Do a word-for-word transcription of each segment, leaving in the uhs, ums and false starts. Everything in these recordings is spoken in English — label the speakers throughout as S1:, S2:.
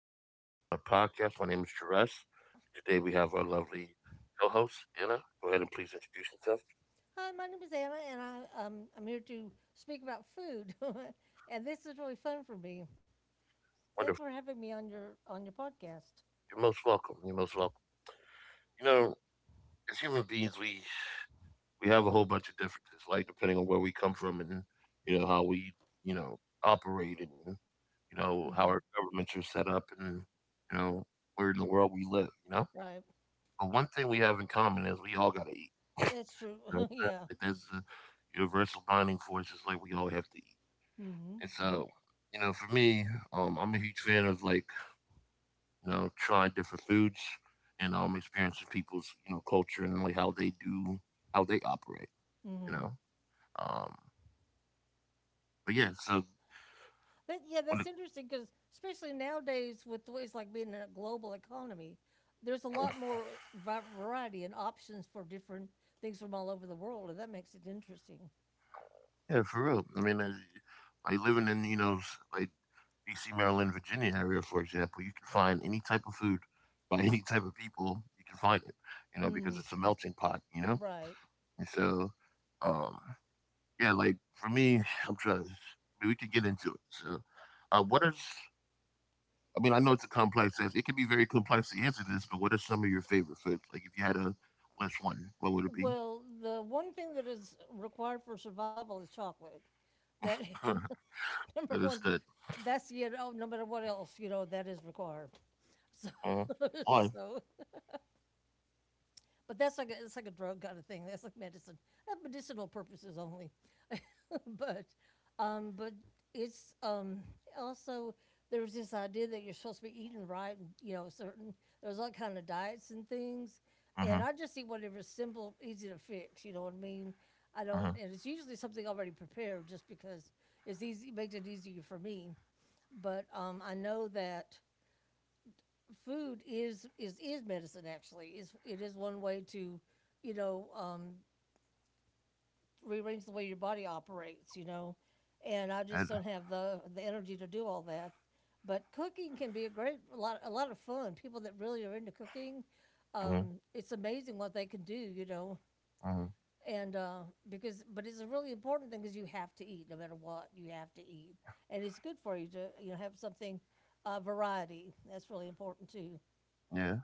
S1: gentlemen, to my podcast. My name is Jerez. Today we have our lovely co-host Anna. Go ahead and please introduce yourself.
S2: Hi, my name is Anna, and I, um, I'm here to speak about food. And this is really fun for me. Thank you for
S1: Wonderful.
S2: having me on your on your podcast.
S1: You're most welcome. You're most welcome. You know, as human beings, we we have a whole bunch of differences, like depending on where we come from and you know how we you know operate and you know how
S2: hmm
S1: our governments are set up and you know where in the world we live. You know,
S2: Right,
S1: but one thing we have in common is we all got to eat.
S2: that's true.
S1: You know what I'm saying?
S2: Yeah.
S1: Like, that's the universal bonding force, just like we all have to eat.
S2: hmm
S1: And so, you know, for me, um, I'm a huge fan of like, you know, trying different foods and um experiencing people's, you know, culture and like how they do how they operate, you
S2: hmm
S1: know. Um but yeah, so
S2: But yeah,
S1: when
S2: that's
S1: it,
S2: interesting because especially nowadays with the ways like being in a global economy, there's a lot more va- variety and options for different things from all over the world, and that makes it interesting.
S1: yeah, for real. I mean uh, like living in, you know, s- like D C, Maryland, Virginia area, for example, you can find any type of food by any type of people, you can find it, you know, because
S2: Mm,
S1: it's a melting pot, you know?
S2: right.
S1: And so, um, yeah, like for me, I'm trying. I mean, we can get into it. So, uh, what are? s- I mean, I know it's a complex answer. It can be very complex to answer this, but what are some of your favorite foods? Like, if you had a list one, what would it be?
S2: Well, the one thing that is required for survival is chocolate. That number one,
S1: Understood.
S2: that's you know no matter what else you know that is required. So,
S1: Uh, one.
S2: so but that's like a, it's like a drug kind of thing. That's like medicine. Uh, medicinal purposes only. but um, but it's um, also there was this idea that you're supposed to be eating right and you know certain there's all kind of diets and things,
S1: Uh
S2: and
S1: huh.
S2: I just eat whatever's simple, easy to fix, you know what I mean. I
S1: Uh huh.
S2: don't, and it's usually something already prepared just because it's easy, it makes it easier for me. But um, I know that food is is is medicine. Actually, is it is one way to, you know, um, rearrange the way your body operates, you know. And I just
S1: And,
S2: don't have the the energy to do all that. But cooking can be a great a lot a lot of fun. People that really are into cooking,
S1: mm-hmm.
S2: um, it's amazing what they can do, you know.
S1: Mm-hmm.
S2: And uh, because but it's a really important thing because you have to eat no matter what. You have to eat, and it's good for you to you know have something, uh, variety. That's really important too.
S1: Yeah.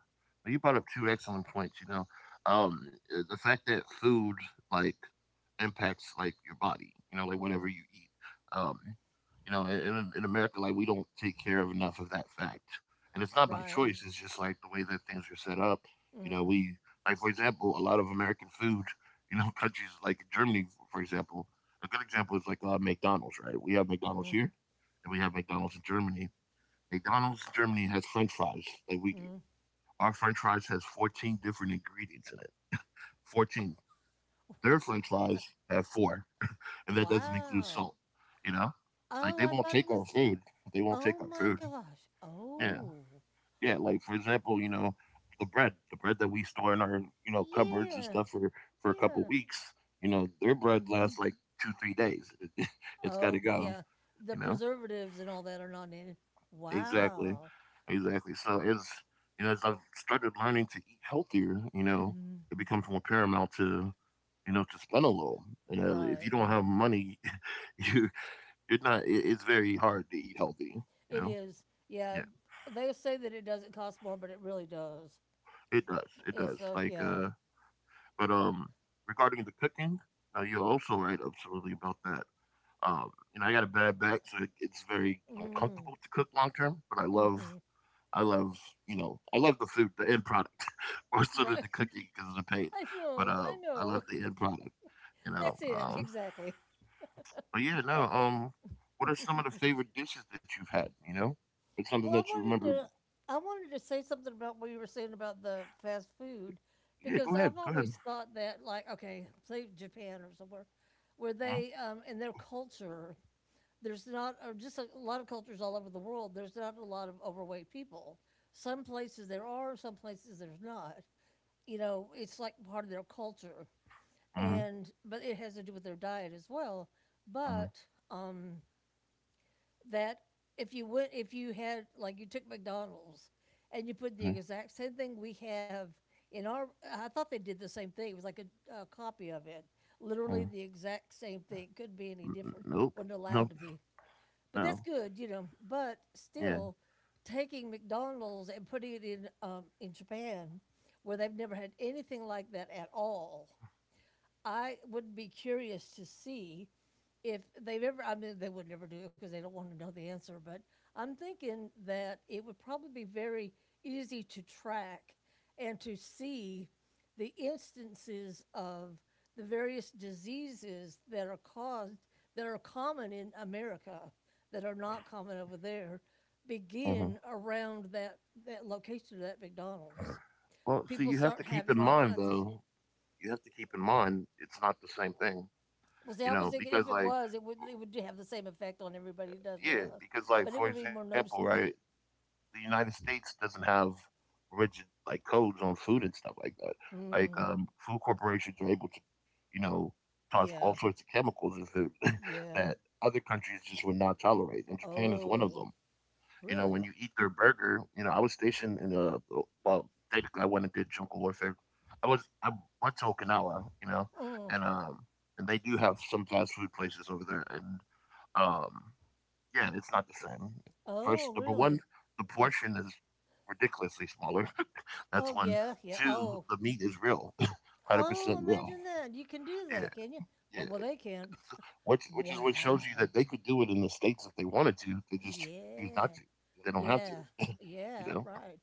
S1: You brought up two excellent points, you know, um, uh, the fact that food, like, impacts, like, your body, you know, like, whatever
S2: Mm,
S1: you eat, um, you know, in in America, like, we don't take care of enough of that fact, and it's not by
S2: right.
S1: choice, it's just, like, the way that things are set up, you know,
S2: Mm,
S1: we like, for example, a lot of American food, you know, countries like Germany, for example, a good example is, like, uh, McDonald's, right? We have McDonald's
S2: mm,
S1: here, and we have McDonald's in Germany. McDonald's in Germany has french fries like we do.
S2: mm.
S1: Our french fries has fourteen different ingredients in it. fourteen. Their french fries have four, and that doesn't include
S2: Wow.
S1: salt. You know? Like,
S2: Oh,
S1: they
S2: I
S1: won't
S2: thought it
S1: take our
S2: was.
S1: food. They won't
S2: Oh
S1: take our
S2: my
S1: food.
S2: gosh.
S1: Yeah.
S2: Oh.
S1: Yeah. Like, for example, you know, the bread, the bread that we store in our, you know, cupboards and
S2: Yeah.
S1: stuff for, for a couple
S2: Yeah.
S1: weeks, you know, their bread lasts
S2: Mhm.
S1: like two, three days. It's got to
S2: Oh,
S1: go,
S2: yeah. The
S1: you know?
S2: preservatives and all that are not in it.
S1: Exactly.
S2: Wow.
S1: Exactly. So as you know, as I've started learning to eat healthier, you know,
S2: Mhm.
S1: it becomes more paramount to, you know, to spend a little. You know, if you
S2: Right.
S1: don't have money, you you're not. It, it's very hard to eat healthy. You
S2: It
S1: know.
S2: is. Yeah.
S1: Yeah,
S2: They say that it doesn't cost more, but it really does.
S1: it does. It
S2: It's
S1: does.
S2: so
S1: Like,
S2: yeah.
S1: uh, but um, regarding the cooking, now you're also right, absolutely about that. Um, you know, I got a bad back, so it, it's very uncomfortable
S2: Mm.
S1: to cook long term. But I love
S2: Mhm.
S1: I love, you know, I love the food, the end product, more so than the
S2: Right.
S1: cooking because of the pain.
S2: I
S1: But
S2: know.
S1: uh,
S2: I
S1: I
S2: know.
S1: love the end product, you know.
S2: That's it.
S1: Um,
S2: Exactly.
S1: but yeah, no. Um, what are some of the favorite dishes that you've had? You know, it's something
S2: Well, I
S1: that you
S2: wanted
S1: remember.
S2: to I wanted to say something about what you were saying about the fast food,
S1: Yeah,
S2: because
S1: go ahead,
S2: I've
S1: go ahead.
S2: always thought that, like, okay, say Japan or somewhere where they um in their culture there's not, or just a lot of cultures all over the world, there's not a lot of overweight people. Some places there are, some places there's not. You know, it's like part of their culture.
S1: Mm-hmm,
S2: And but it has to do with their diet as well. But um, that if you went, if you had, like, you took McDonald's and you put
S1: mm-hmm,
S2: the
S1: mm-hmm,
S2: exact same thing we have in our, I thought they did the same thing. It was like a, a copy of it,
S1: mm-hmm.
S2: literally the exact same thing. Couldn't be any different.
S1: Nope,
S2: Wasn't allowed
S1: nope,
S2: to be. But that's
S1: no.
S2: good, you know. But
S1: Yeah.
S2: still, taking McDonald's and putting it in um, in Japan, where they've never had anything like that at all, I would be curious to see if they've ever, I mean, they would never do it because they don't want to know the answer, but I'm thinking that it would probably be very easy to track and to see the instances of the various diseases that are caused, that are common in America, that are not common over there,
S1: Uh-huh.
S2: begin around that, that location of that McDonald's.
S1: Well, see,
S2: People
S1: you have to
S2: start
S1: keep in
S2: having all
S1: mind
S2: kinds of.
S1: though. You have to keep in mind it's not the same thing,
S2: Well, see,
S1: you
S2: I was
S1: know,
S2: thinking
S1: because
S2: if it
S1: like
S2: was, it would it would have the same effect on everybody it does with
S1: yeah,
S2: us,
S1: because
S2: but
S1: like
S2: it
S1: for
S2: would be more
S1: example, right?
S2: noticeable.
S1: The United States doesn't have rigid like codes on food and stuff like that. Like
S2: Mm,
S1: um, food corporations are able to, you know, toss
S2: yeah,
S1: all sorts of chemicals in food
S2: yeah.
S1: that other countries just would not tolerate, and Japan is one
S2: Oh,
S1: of them. You know, when you
S2: really?
S1: eat their burger, you know, I was stationed in uh well, technically I wasn't did jungle warfare. I was I went to Okinawa, you know,
S2: Mm,
S1: and um and they do have some fast food places over there, and um yeah, it's not the same. First,
S2: oh,
S1: number one,
S2: really?
S1: the portion is ridiculously smaller.
S2: Oh,
S1: That's one.
S2: yeah, yeah.
S1: Two,
S2: Oh,
S1: the meat is real, one hundred
S2: oh,
S1: percent real.
S2: imagine that. You can do
S1: Yeah,
S2: that, can you?
S1: yeah.
S2: Well, well they can.
S1: Which which is what shows you
S2: Wow.
S1: that they could do it in the states if they wanted to. They just choose not to.
S2: Yeah,
S1: They don't have
S2: yeah,
S1: to. You know.
S2: yeah. Right.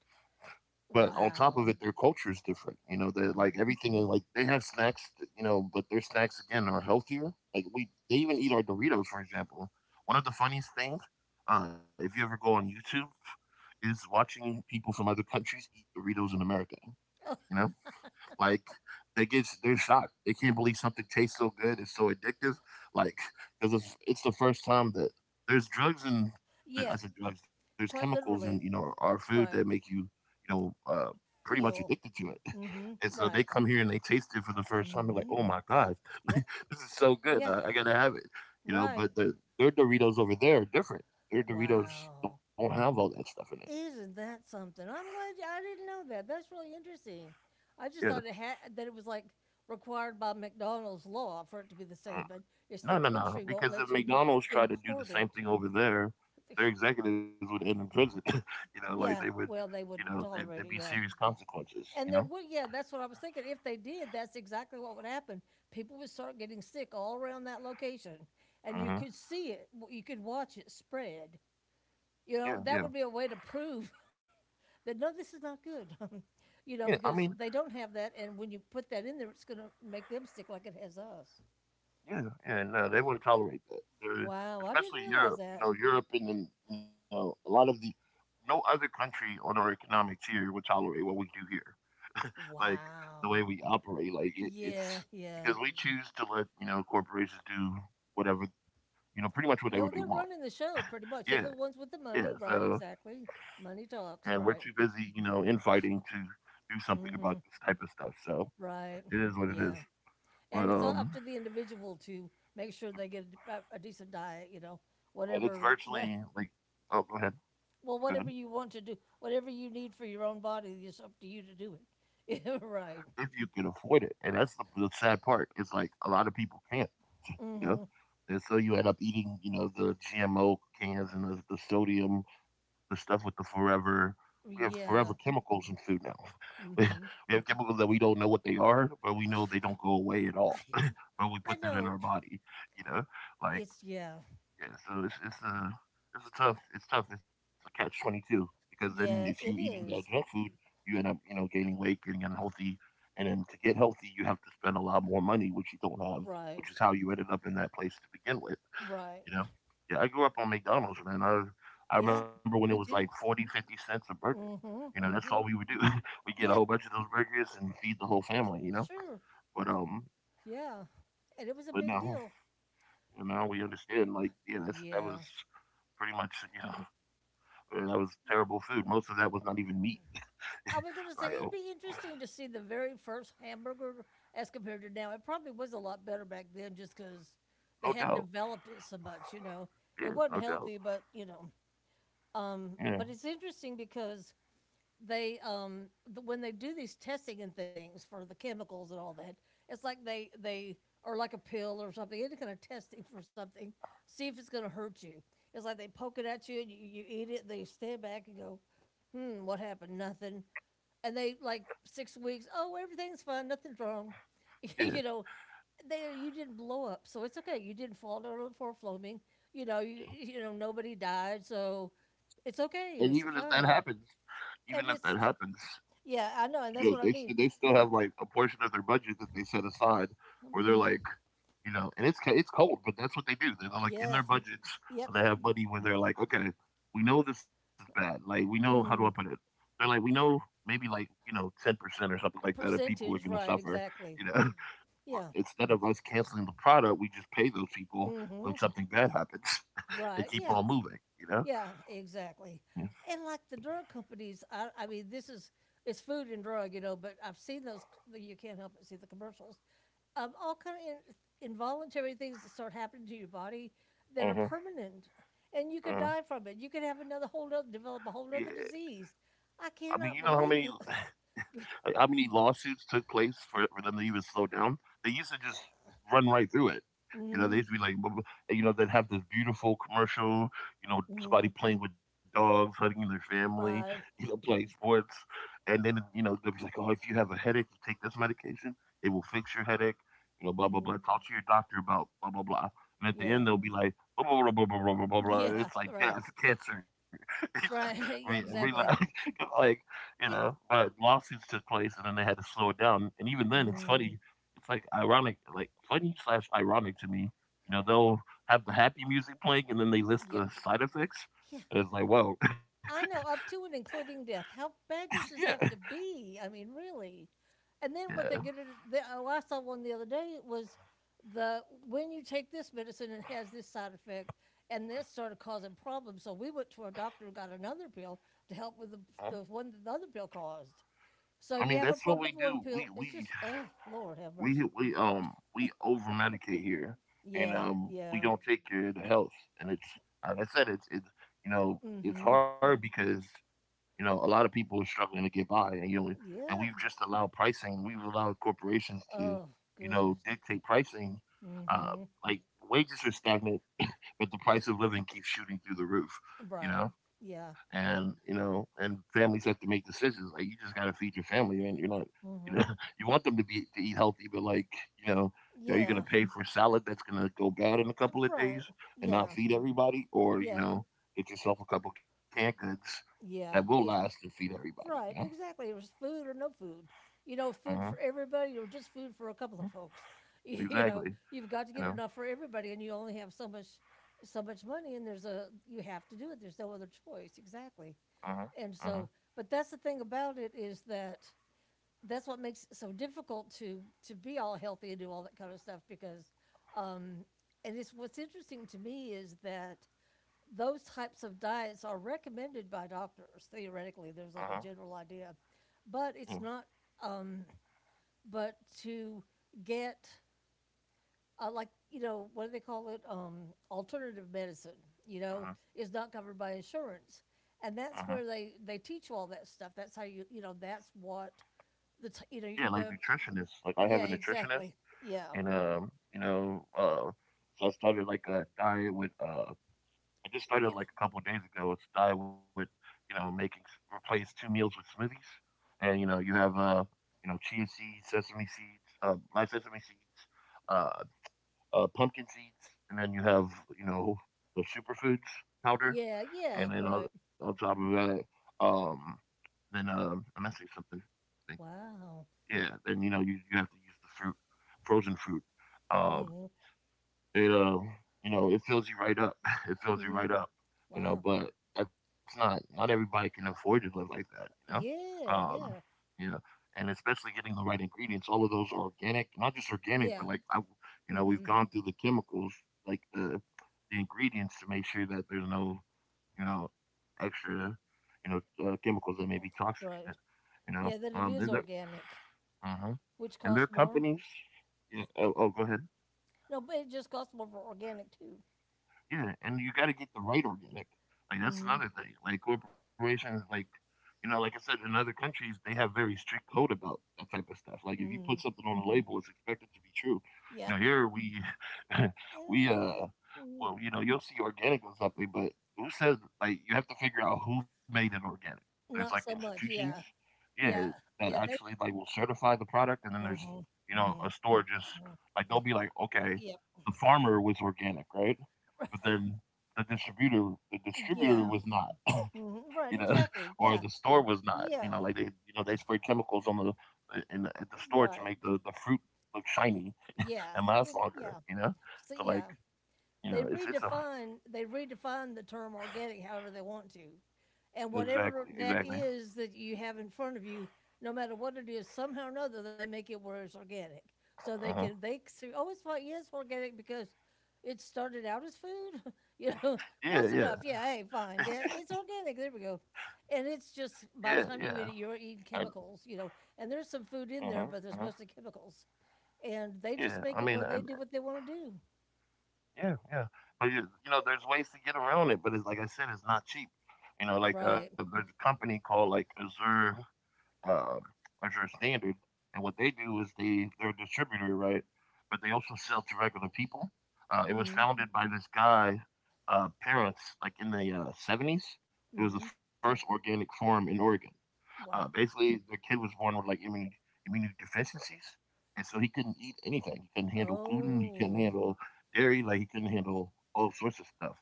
S1: But on top of it,
S2: Wow.
S1: their culture is different. You know, they like
S2: Mm,
S1: everything is like they have snacks. You know, but their snacks again are healthier. Like we, they even eat our Doritos, for example. One of the funniest things, uh, if you ever go on YouTube, is watching people from other countries eat Doritos in America. You know, like they get they're shocked. They can't believe something tastes so good. It's so addictive. Like because it's, it's the first time that there's drugs and I
S2: yeah,
S1: said drugs. There's
S2: quite
S1: chemicals in you know
S2: literally.
S1: our food that make
S2: Right.
S1: you you know uh, pretty much
S2: Feel.
S1: addicted to it.
S2: Mm-hmm.
S1: And so they
S2: Right.
S1: come here and they taste it for the first time. They're like,
S2: Mm-hmm.
S1: oh my god, this
S2: Yep.
S1: is so good.
S2: Yeah.
S1: I, I gotta have it. You know,
S2: Right.
S1: but the, their Doritos over there are different. Their Doritos
S2: Wow.
S1: don't have all that stuff in it.
S2: Isn't that something? I'm glad you, I didn't know that. That's really interesting. I
S1: Yeah.
S2: just thought it had that it was like required by McDonald's law for it to be the same,
S1: Mm.
S2: but it's
S1: No,
S2: the
S1: no, no.
S2: country won't
S1: Because if
S2: let you
S1: McDonald's tried to do the
S2: import
S1: same
S2: it.
S1: thing over there, their executives would end in prison. You know, like
S2: Yeah,
S1: they would,
S2: well, they
S1: you
S2: wouldn't
S1: know, there,
S2: tolerate
S1: there'd
S2: it.
S1: be
S2: Yeah,
S1: serious consequences.
S2: and
S1: You
S2: there
S1: know.
S2: would. Yeah, that's what I was thinking. If they did, that's exactly what would happen. People would start getting sick all around that location, and you could
S1: Hmm.
S2: see it. w- You could watch it spread. You
S1: Yeah,
S2: know, that
S1: yeah,
S2: would be a way to prove that no, this is not good. You know,
S1: yeah. I
S2: because
S1: mean,
S2: they don't have that, and when you put that in there, it's going to make them sick like it has us.
S1: yeah, yeah. No, they wouldn't tolerate that. They're,
S2: Wow, I didn't
S1: especially
S2: realize
S1: Europe. You
S2: that.
S1: know, Europe and then you know a lot of the no other country on our economic tier would tolerate what we do here, like the way
S2: Wow.
S1: we operate. Like it,
S2: Yeah,
S1: it's
S2: yeah.
S1: because we choose to let you know corporations do whatever you know pretty much
S2: Yo,
S1: whatever they
S2: they're
S1: want.
S2: running the show pretty much. Yeah,
S1: Yeah,
S2: they're the ones with
S1: yeah.
S2: the money,
S1: So,
S2: right? Exactly. Money
S1: and we're
S2: talks,
S1: too
S2: right?
S1: busy, you know, infighting to do something
S2: mm
S1: about
S2: hmm
S1: this type of stuff. So
S2: Right.
S1: it is what it
S2: Yeah.
S1: is.
S2: And
S1: But
S2: it's all
S1: um,
S2: up to the individual to make sure they get a, a decent diet, you know,
S1: but it's
S2: whatever, what.
S1: virtually like, oh, go ahead, go ahead.
S2: Well, whatever you want to do, whatever you need for your own body, it's up to you to do it. Yeah, right.
S1: If you can afford it. And that's the, the sad part. Is like a lot of people can't, you know.
S2: hmm
S1: And so you end up eating, you know, the G M O cans and the, the sodium, the stuff with the forever. We have forever
S2: Yeah.
S1: chemicals in food now. We,
S2: hmm
S1: we have chemicals that we don't know what they are, but we
S2: I,
S1: know they don't go away at all. But we
S2: I, I
S1: put that
S2: know.
S1: in our body, you know, like
S2: It's, yeah.
S1: yeah, so it's it's a it's a tough it's tough it's a catch twenty two because then if you
S2: Yeah,
S1: eating
S2: it
S1: that junk
S2: is.
S1: food, you end up you know gaining weight, getting unhealthy, and then to get healthy, you have to spend a lot more money, which you don't have,
S2: Right.
S1: which is how you ended up in that place to begin with.
S2: Right.
S1: You know, yeah, I grew up on McDonald's, man. I I
S2: Yeah,
S1: remember when it was like
S2: me too.
S1: forty fifty cents a burger.
S2: hmm
S1: You know, that's all we
S2: hmm
S1: would do. We get a whole
S2: Yeah,
S1: bunch of those burgers and feed the whole family. You know,
S2: sure.
S1: but um,
S2: Yeah. And it was a big
S1: but
S2: deal.
S1: now, you know, we understand. Like, yeah, that's
S2: Yeah.
S1: that was pretty much, you know, and that was terrible food. Most of that was not even meat.
S2: I was going to say it'd
S1: Like,
S2: be
S1: oh,
S2: interesting to see the very first hamburger as compared to now. It probably was a lot better back then, just because they hadn't
S1: no doubt.
S2: developed it so much. You know, it wasn't
S1: Yeah, no
S2: healthy, but
S1: doubt.
S2: you know, um,
S1: Yeah,
S2: but it's interesting because they um, th- when they do these testing and things for the chemicals and all that, it's like they they or like a pill or something, any kind of testing for something, see if it's going to hurt you. It's like they poke it at you and you, you eat it. They stand back and go, hmm, what happened? Nothing, and they like six weeks. Oh, everything's fine. Nothing's wrong. You know,
S1: yeah.
S2: they you didn't blow up, so it's okay. You didn't fall down on the floor foaming. You know, you you know nobody died, so it's okay.
S1: And
S2: It's
S1: even if that
S2: fine.
S1: happens,
S2: And
S1: even if
S2: it's
S1: that
S2: like,
S1: happens,
S2: yeah, I know, and that's
S1: you know,
S2: what I
S1: they
S2: mean.
S1: they still have like a portion of their budget that they set aside where they're
S2: Mm,
S1: like, you know, and it's it's cold, but that's what they do. They're like in
S2: yeah.
S1: their budgets,
S2: Yep.
S1: they have money where they're like, okay, we know this is bad. Like, we know how do I put it?
S2: Mm,
S1: They're like, we know maybe like you know ten percent or something like that of people are going
S2: percentage,
S1: to
S2: right?
S1: suffer. You
S2: Exactly.
S1: know,
S2: Yeah.
S1: instead of us canceling the product, we just pay those people when
S2: hmm
S1: something bad happens and
S2: Right.
S1: keep
S2: Yeah.
S1: on moving, you know?
S2: Yeah, exactly. And like the drug companies, I, I mean, this is it's food and drug, you know. But I've seen those. You can't help but see the commercials. Um, all kind of in, involuntary things that start happening to your body that are
S1: Mhm,
S2: permanent, and you could
S1: huh.
S2: die from it. You could have another whole other develop
S1: Yeah.
S2: a whole other disease.
S1: I
S2: I
S1: mean, you know how
S2: cannot
S1: many
S2: believe that.
S1: uh, how many lawsuits took place for, for them to even slow down? They used to just run right through it. You know,
S2: Mm,
S1: they used to be like, bu- bu- and, you know, they'd have this beautiful commercial, you know, somebody
S2: mm,
S1: playing with dogs, hugging their family, you
S2: right.
S1: know, playing sports. And then, you know, they'd be like, oh, if you have a headache, you take this medication, it will fix your headache, you know, blah, blah,
S2: Mm,
S1: blah. Talk to your doctor about blah, blah, blah. And at the
S2: yeah.
S1: end, they'll be like, blah, blah, blah, blah, blah, blah, blah, blah.
S2: Yeah.
S1: It's like,
S2: Right.
S1: yeah, it's cancer.
S2: Right. Yeah.
S1: Relax.
S2: Exactly.
S1: like, you know,
S2: Yeah.
S1: but lawsuits took place, and then they had to slow it down. And even then, it's funny.
S2: Mm,
S1: It's like ironic, like funny slash ironic to me. You know, they'll have the happy music playing, and then they list
S2: yep.
S1: the side effects,
S2: Yeah.
S1: and it's like, whoa,
S2: I know, up to and including death. How bad does
S1: yeah,
S2: this have to be? I mean, really. And then what
S1: yeah.
S2: they get, it- the, oh, I saw one the other day was the when you take this medicine, it has this side effect, and this started causing problems. So we went to our doctor and got another pill to help with the,
S1: Huh?
S2: the one that the other pill caused.
S1: I
S2: So
S1: mean,
S2: you have
S1: that's
S2: a
S1: what we
S2: problem with
S1: do.
S2: one
S1: We
S2: pill. It's
S1: we
S2: just, oh, Lord, have
S1: we
S2: mercy.
S1: we um we over medicate here, and
S2: Yeah,
S1: um we
S2: yeah.
S1: don't take care of the health. And it's like I said, it's it's you know it's
S2: Mm-hmm.
S1: hard because you know, a lot of people are struggling to get by, and you know, and
S2: Yeah.
S1: we've just allowed pricing. We've allowed corporations to,
S2: Oh,
S1: you know,
S2: goodness.
S1: dictate pricing. Uh,
S2: Mm-hmm.
S1: like, wages are stagnant, but the
S2: Yeah.
S1: price of living keeps shooting through the roof, you
S2: Right.
S1: know?
S2: Yeah.
S1: And you know, and families have to make decisions. Like, you just gotta feed your family, and you're not, you know,
S2: Mm-hmm.
S1: you want them to be to eat healthy, but like, you know, you know, you're gonna
S2: Yeah,
S1: pay for salad that's gonna go bad in a couple of days
S2: right.
S1: and not
S2: Yeah,
S1: feed everybody, or you
S2: yeah,
S1: know, get yourself a couple canned goods that will
S2: yeah.
S1: last
S2: It's
S1: and feed everybody. You know,
S2: right, exactly. It was food or no food. You know,
S1: uh-huh.
S2: food for everybody or just food for a couple
S1: uh,
S2: of folks. You know,
S1: exactly.
S2: you've got to
S1: You
S2: get
S1: know,
S2: enough for everybody, and you only have so much, so much money, and there's a you have to do it. There's no other choice, exactly.
S1: uh-huh. Uh-huh.
S2: And so, but that's the thing about it, is that that's what makes it so difficult to to be all healthy and do all that kind of stuff because um, and it's what's interesting to me is that those types of diets are recommended by doctors theoretically,
S1: Uh-huh.
S2: there's like a general idea, but
S1: Yeah.
S2: it's not um, but to get, uh, like you know what do they call it, um, alternative medicine, you know,
S1: Uh-huh.
S2: is not covered by insurance, and
S1: Uh-huh.
S2: that's where they they teach you all that stuff. That's how you you know that's what the t- you
S1: Yeah,
S2: know
S1: like
S2: the
S1: nutritionists. Like, I have a
S2: yeah
S1: nutritionist
S2: exactly yeah
S1: and um, you know, uh, so I started like a diet with. Uh, I just started
S2: yeah
S1: like a couple of days ago. It's a diet with, you know, making s- replace two meals with smoothies, and you know, you have uh, you know, chia seeds, sesame seeds, uh, my sesame seeds, uh, uh, pumpkin seeds, and then you have you know the superfoods powder,
S2: yeah yeah
S1: and then on,
S2: right
S1: on top of that, um, then um, I'm missing something. I think.
S2: wow
S1: Yeah. Then you know you you have to use the fruit, frozen fruit. Um,
S2: hmm
S1: it uh, you know, it fills you right up. It fills you
S2: hmm
S1: right up. You
S2: wow
S1: know, but that's not, not everybody can afford to live like that. You know,
S2: yeah
S1: um,
S2: yeah
S1: yeah, and especially getting the right ingredients. All of those are organic, not just organic, but
S2: yeah
S1: like I, you know, we've
S2: hmm
S1: gone through the chemicals, like the the ingredients to make sure that there's no you know extra you know uh, chemicals that may be toxic in it.
S2: Right.
S1: You know,
S2: Yeah, that it
S1: um, and
S2: is
S1: there,
S2: organic,
S1: uh
S2: which
S1: and their
S2: costs more.
S1: companies. Yeah, oh, oh, go ahead.
S2: No, but it just costs more for organic too.
S1: Yeah, and you got to get the right organic. Like, that's
S2: hmm
S1: another thing. Like corporations, like you know, like I said, in other countries they have very strict code about that type of stuff. Like, if you put something
S2: mm
S1: on a label, it's expected to be true. You know,
S2: Yeah.
S1: here we we uh
S2: mm mm.
S1: well, you know, you'll see organic on something, but who says? Like, you have to figure out who made it organic. There's like
S2: Not so much.
S1: institutions,
S2: Yeah.
S1: yeah,
S2: Yeah.
S1: that
S2: Yeah.
S1: actually
S2: They.
S1: like will certify the product, and then there's
S2: hmm
S1: you know a
S2: hmm
S1: store just like they'll be like, okay,
S2: Yeah.
S1: the farmer was organic, right? But then the distributor the distributor
S2: Yeah.
S1: was not,
S2: hmm
S1: you know
S2: Right.
S1: or
S2: Exactly.
S1: the
S2: Yeah.
S1: store was not, you know
S2: Yeah.
S1: like they you know they spray chemicals on the in the, at the store to
S2: Right.
S1: make the the fruit look shiny
S2: Yeah.
S1: and last
S2: It,
S1: longer,
S2: yeah.
S1: you know
S2: So
S1: so
S2: yeah.
S1: like you
S2: They
S1: know it's it's a.
S2: redefine they redefine the term organic however they want to. And
S1: Exactly,
S2: whatever
S1: exactly.
S2: that is that you have in front of you, no matter what it is, somehow or another they make it where it's organic. So they
S1: Uh-huh.
S2: can they can say, oh, it's fine. Yes, organic because it started out as food. you know,
S1: Yeah,
S2: close
S1: yeah.
S2: enough. Yeah, hey, fine. Yeah, it's organic. There we go. And
S1: Yeah,
S2: it's just
S1: yeah,
S2: by the time you eat it,
S1: I.
S2: you're eating chemicals. You know, and there's some
S1: Uh-huh,
S2: food in
S1: uh-huh.
S2: there, but there's mostly chemicals. And
S1: Yeah,
S2: they
S1: I
S2: just
S1: mean,
S2: make
S1: I.
S2: it where they do what they want to do.
S1: Yeah, yeah, but you, you know there's ways to get around it, but it's like I said, it's not cheap, you know like
S2: Right.
S1: uh there's a company called, like, Azure, um, as your standard. And what they do is they they're a distributor, right? But they also sell to regular people. Uh, it was
S2: Mm.
S1: founded by this guy, uh, parents, like in the uh, seventies. It was the
S2: Mm-hmm.
S1: first organic farm in Oregon. Uh,
S2: Wow.
S1: basically, the kid was born with like immune immune deficiencies, and so he couldn't eat anything. He couldn't handle gluten. He couldn't
S2: Oh,
S1: handle dairy. Like, he couldn't handle all sorts of stuff.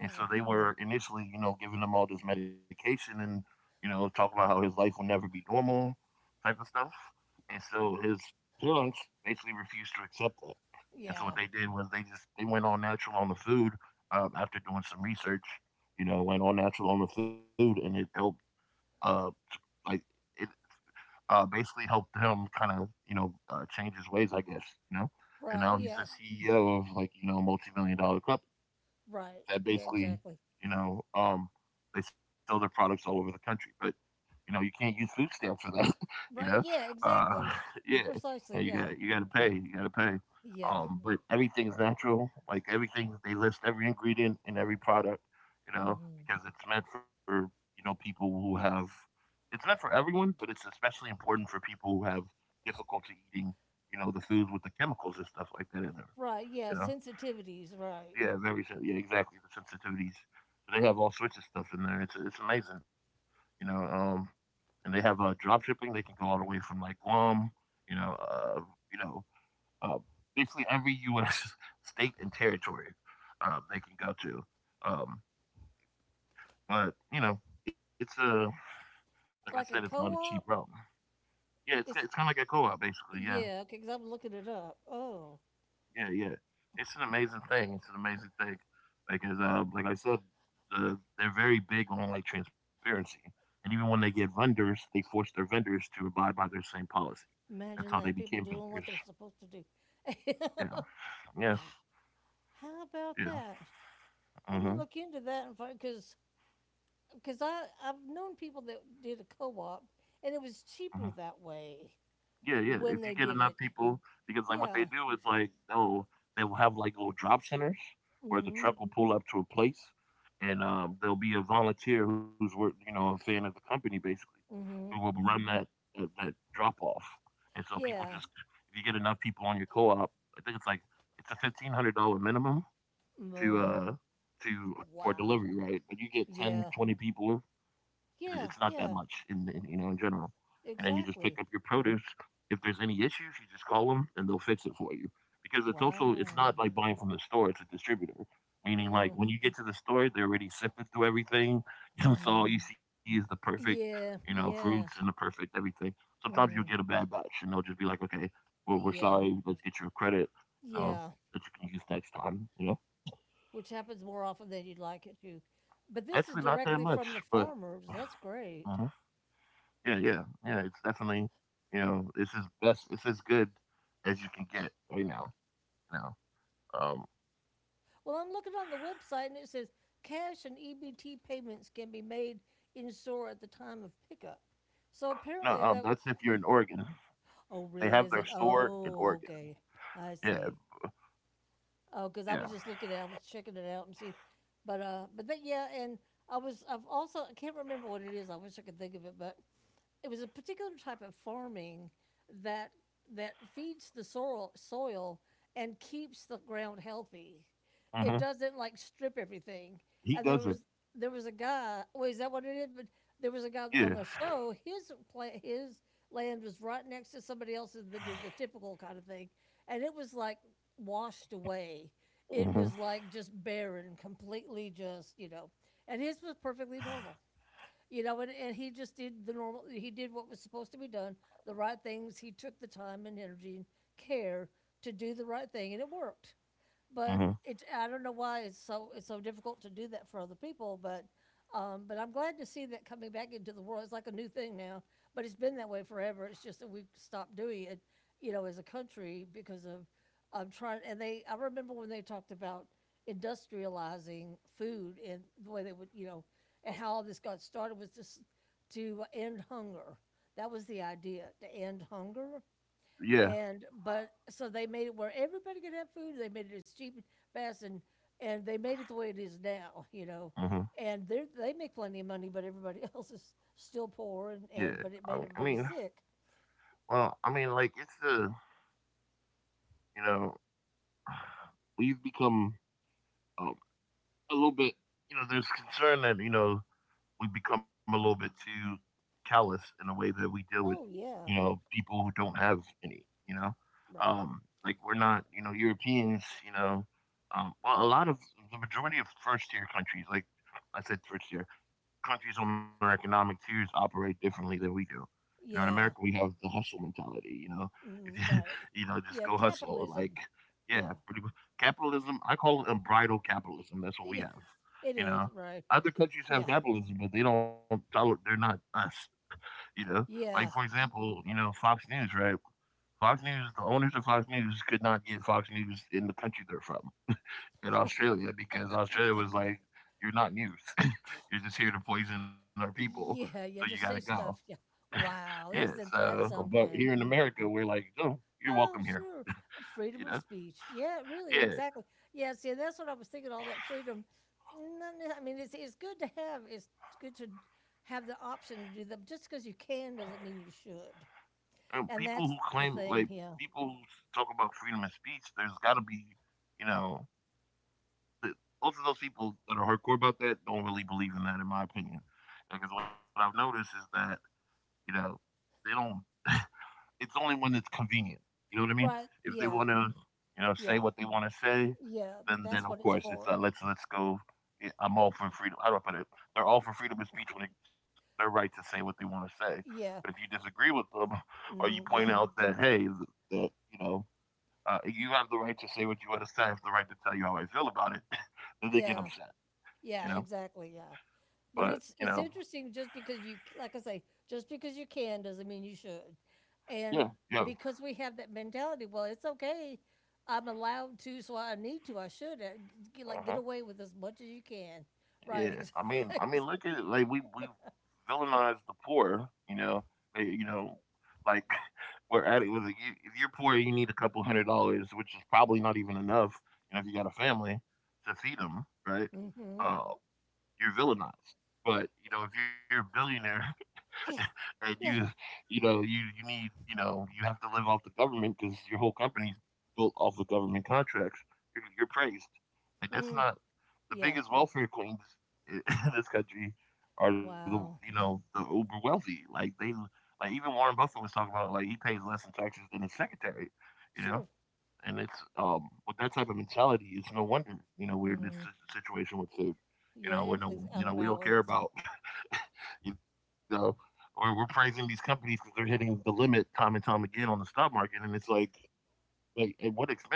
S1: And so they were initially, you know, giving him all this medication and you know talking about how his life will never be normal, type of stuff. And so his parents basically refused to accept that. And so
S2: Yeah.
S1: what they did was they just they went all natural on the food, um, after doing some research. You know, went all natural on the food, and it helped, uh, like it, uh, basically helped him kind of you know uh, change his ways, I guess. You know, and
S2: Right.
S1: now he's
S2: Yeah.
S1: the C E O of, like, you know a multi-million dollar club
S2: Right.
S1: that
S2: Yeah,
S1: basically
S2: exactly.
S1: you know um, they sell their products all over the country. But you know, you can't use food stamps for that. You know,
S2: Right. Yeah,
S1: uh,
S2: exactly.
S1: yeah, and you
S2: Precisely.
S1: got
S2: Yeah.
S1: you got to pay. You got to pay.
S2: Yeah.
S1: Um, but everything's natural. Like, everything, they list every ingredient in every product. You know,
S2: Mm-hmm.
S1: because it's meant for you know people who have. It's meant for everyone, but it's especially important for people who have difficulty eating. You know, the food with the chemicals and stuff like that in there.
S2: Right. Yeah.
S1: You know.
S2: Sensitivities. Right.
S1: Yeah, very so. Yeah, exactly. The sensitivities. So they have all sorts of stuff in there. It's it's amazing, you know. Um, and they have uh, drop shipping. They can go all the way from like Guam, you know, uh, you know, uh, basically every U S state and territory uh, they can go to. Um, but you know, it's a like I said,
S2: Like
S1: it's
S2: a
S1: not a
S2: co
S1: cheap
S2: op?
S1: route. Yeah, it's
S2: It's,
S1: it's kind of like a co-op basically. Yeah.
S2: yeah. Okay. Because I'm looking it up. Oh,
S1: Yeah, yeah. It's an amazing thing. It's an amazing thing. Like, as uh, like I said, the, they're very big on like transparency, and even when they get vendors, they force their vendors to abide by their same policy. That's
S2: imagine
S1: how they
S2: that. People
S1: became
S2: doing what
S1: vendors.
S2: they're supposed to do.
S1: Yeah, yeah,
S2: Wow. How about
S1: yeah.
S2: that? I'm going to
S1: Mm-hmm.
S2: look into that and find, because because I I've known people that did a co-op, and it was cheaper that way
S1: Yeah, yeah. If you
S2: when they
S1: get
S2: did
S1: enough
S2: it.
S1: people, because like what they
S2: Yeah.
S1: do is like they'll they will have like little drop centers
S2: Mm.
S1: where the
S2: Mhm.
S1: truck will pull up to a place, and um, there'll be a volunteer who's work, you know, a fan of the company basically,
S2: Mm.
S1: who will
S2: Mhm.
S1: run that uh, that drop off. And so people
S2: Yeah.
S1: just, if you get enough people on your co-op, I think it's like it's a fifteen hundred dollar minimum, to
S2: Oh,
S1: uh to for
S2: wow.
S1: delivery, right? But you get
S2: Yeah.
S1: ten, twenty people, and it's not
S2: Yeah.
S1: that much
S2: Yeah.
S1: in, in you know in general. And then you just pick up
S2: Exactly.
S1: your produce. If there's any issues, you just call them and they'll fix it for you. Because it's also it's not
S2: Wow.
S1: like buying from the store; it's a distributor. Meaning, like
S2: Mm.
S1: when you get to the store, they're already sifted through everything. You know, so
S2: Mhm.
S1: all you see is the perfect, you know,
S2: Yeah.
S1: fruits and the
S2: Yeah.
S1: perfect everything. Sometimes you'll get a
S2: Mm.
S1: bad batch, and they'll just be like, "Okay, well, we're
S2: Yeah.
S1: sorry. Let's get you a credit. You know,
S2: Yeah.
S1: that you can use next time." You know.
S2: Which happens more often than you'd like it to. But this is
S1: Actually, not that
S2: directly
S1: much,
S2: from the
S1: but
S2: farmers. That's
S1: uh
S2: great.
S1: yeah, yeah, yeah. It's definitely, you know, it's as best, it's as good as you can get right now. You know, um,
S2: Well, I'm looking on the website, and it says cash and E B T payments can be made in store at the time of pickup. So
S1: no,
S2: apparently
S1: um,
S2: that,
S1: that's if you're in Oregon.
S2: oh,
S1: They
S2: really?
S1: have
S2: Is
S1: their
S2: it?
S1: store in
S2: Oh,
S1: Oregon.
S2: okay. I
S1: Yeah,
S2: see. Oh, because I was
S1: yeah.
S2: just looking at, I was checking it out and seeing, but uh, but that, yeah, and I was I've also, I can't remember what it is. I wish I could think of it, but it was a particular type of farming that that feeds the soil soil and keeps the ground healthy. It
S1: Hmm.
S2: doesn't like strip everything.
S1: He
S2: And there
S1: does it.
S2: was there was a guy. Well, is that what it is? But there was a
S1: Yeah.
S2: guy on the show. His pla- his land was right next to somebody else's that did the typical kind of thing, and it was like washed away. It
S1: Hmm.
S2: was like just barren, completely just you know. And his was perfectly normal, you know, and, and he just did the normal, he did what was supposed to be done, the right things. He took the time and energy and care to do the right thing, and it worked. But
S1: Hmm.
S2: it's I don't know why it's so it's so difficult to do that for other people, but um, but I'm glad to see that coming back into the world. It's like a new thing now, but it's been that way forever. It's just that we've stopped doing it, you know, as a country because of um, trying. And they, I remember when they talked about industrializing food and the way they would, you know, and how all this got started was just to end hunger. That was the idea to end hunger,
S1: Yeah.
S2: and but so they made it where everybody could have food. They made it as cheap and fast, and and they made it the way it is now, you know.
S1: Hmm.
S2: And they they make plenty of money, but everybody else is still poor,
S1: Yeah.
S2: and, and
S1: I
S2: but
S1: mean,
S2: it
S1: I
S2: made
S1: mean,
S2: everybody sick.
S1: well, I mean, like it's a, you know, we've become, um, a little bit. You know, there's concern that you know we become a little bit too callous in the way that we deal with,
S2: Oh
S1: you
S2: yeah,
S1: know, people who don't have any, you know?
S2: right.
S1: Um, like, we're not, you know, Europeans, you know, um, well, a lot of the majority of first tier countries, like I said, first tier, countries on their economic tiers operate differently than we do. You know, in
S2: Yeah,
S1: America, we have the hustle mentality. You know, if
S2: mm,
S1: you,
S2: right.
S1: you know, just
S2: Yeah,
S1: go hustle.
S2: capitalism.
S1: Like, yeah,
S2: Yeah,
S1: pretty much. Capitalism. I call it unbridled capitalism. That's what we
S2: yeah,
S1: have.
S2: it
S1: You
S2: is
S1: know,
S2: right.
S1: other countries have
S2: Yeah,
S1: capitalism, but they don't. tol- They're not us. You know, like, for
S2: yeah.
S1: example, you know, Fox News, right? Fox News, the owners of Fox News could not get Fox News in the country they're from, in
S2: Wha-
S1: Australia, because Australia was like, you're not news.
S2: Oh
S1: You're
S2: my
S1: just
S2: God.
S1: here to poison our people, so
S2: Yeah,
S1: you gotta
S2: yeah. Just say
S1: go.
S2: stuff. Yeah.
S1: Yeah.
S2: Wow, isn't
S1: So,
S2: that
S1: but here in
S2: something?
S1: America, we're like, no, you're welcome
S2: Oh,
S1: here.
S2: sure. Uh,
S1: You
S2: Freedom
S1: know.
S2: of speech. Yeah, really,
S1: Yeah.
S2: exactly. Yeah, see, that's what I was thinking, all that freedom. Mm. Not ne- I mean, it's it's good to have, it's good to have the option to do that. Just because you can doesn't mean you should.
S1: And people
S2: And
S1: who
S2: that's
S1: claim
S2: the
S1: like
S2: thing, yeah.
S1: people who talk about freedom of speech, there's gotta be, you know, the, most of those people that are hardcore about that don't really believe in that, in my opinion. Because what I've noticed is that you know they don't. It's only when it's convenient. You know what I mean?
S2: Right,
S1: If they want
S2: yeah,
S1: to, you know, say
S2: yeah,
S1: what they want to say,
S2: yeah.
S1: then
S2: That's
S1: then
S2: what
S1: of
S2: it's
S1: course it's
S2: for.
S1: uh, let's let's go. Yeah, I'm all for freedom. How do I put it? They're all for freedom of speech when it's their right to say what they want to say. But if
S2: Yeah,
S1: you disagree with them, or you
S2: mhm,
S1: point
S2: yeah,
S1: out that hey, th- that you know uh, you have the right to say what you want to say, I have the right to tell you how I feel about it, then they get
S2: yeah,
S1: upset.
S2: yeah,
S1: You know.
S2: exactly, yeah. But
S1: But
S2: it's
S1: you
S2: it's
S1: know,
S2: interesting, just because you like I say, just because you can doesn't mean you should.
S1: yeah,
S2: And
S1: yo,
S2: because we have that mentality, well, it's okay. I'm allowed to, so I need to. I should uh, get, like get
S1: uh-huh.
S2: away with as much as you can. Right?
S1: Yeah, I mean, I
S2: Exactly.
S1: mean, look at it. Like we we villainize the poor. You know, They- you know, like we're at it with like, you, if you're poor, you need a couple hundred dollars, which is probably not even enough. You know, if you got a family to feed them, right?
S2: Hmm.
S1: Uh, you're villainized. But you know, if you're a billionaire,
S2: Yeah.
S1: and you
S2: Yeah.
S1: you know you you need you know you have to live off the government because your whole company's built off of government contracts, you're, you're praised like that's
S2: Mm,
S1: not the
S2: yeah.
S1: biggest welfare queens in this country are the, you
S2: Wow.
S1: know, the uber wealthy. Like they like even Warren Buffett was talking about it, like he pays less in taxes than his secretary, you know.
S2: Sure.
S1: And it's um with that type of mentality, it's no wonder, you know, we're in this
S2: Hmm.
S1: si- situation with food. You
S2: Yeah.
S1: know we
S2: Everything's
S1: don't you
S2: out
S1: know
S2: of
S1: we don't care
S2: balance.
S1: about, you know, or we're praising these companies because they're hitting the limit time and time again on the stock market, and it's like, like at what expense?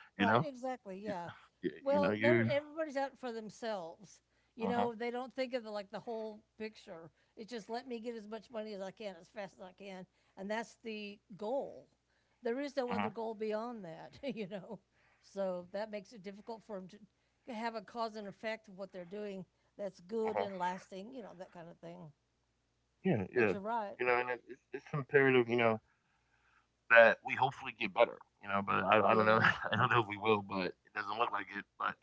S1: You know,
S2: Right, exactly,
S1: yeah,
S2: yeah.
S1: yeah, you know,
S2: Well, they're
S1: you,
S2: everybody's out for themselves. You
S1: uh huh,
S2: know, they don't think of the like the whole picture. It's just let me get as much money as I can as fast as I can, and that's the goal. There is
S1: uh
S2: no
S1: huh,
S2: other goal beyond that. you know. So that makes it difficult for them to have a cause and effect of what they're doing that's
S1: uh
S2: good
S1: huh,
S2: and lasting, you know, that kind of thing.
S1: yeah, yeah,
S2: But you're
S1: you know,
S2: right.
S1: and it's, it's imperative, you know, that we hopefully get better. You know, but I, I don't know,
S2: Yeah.
S1: I don't know if we will, but it doesn't look like it. But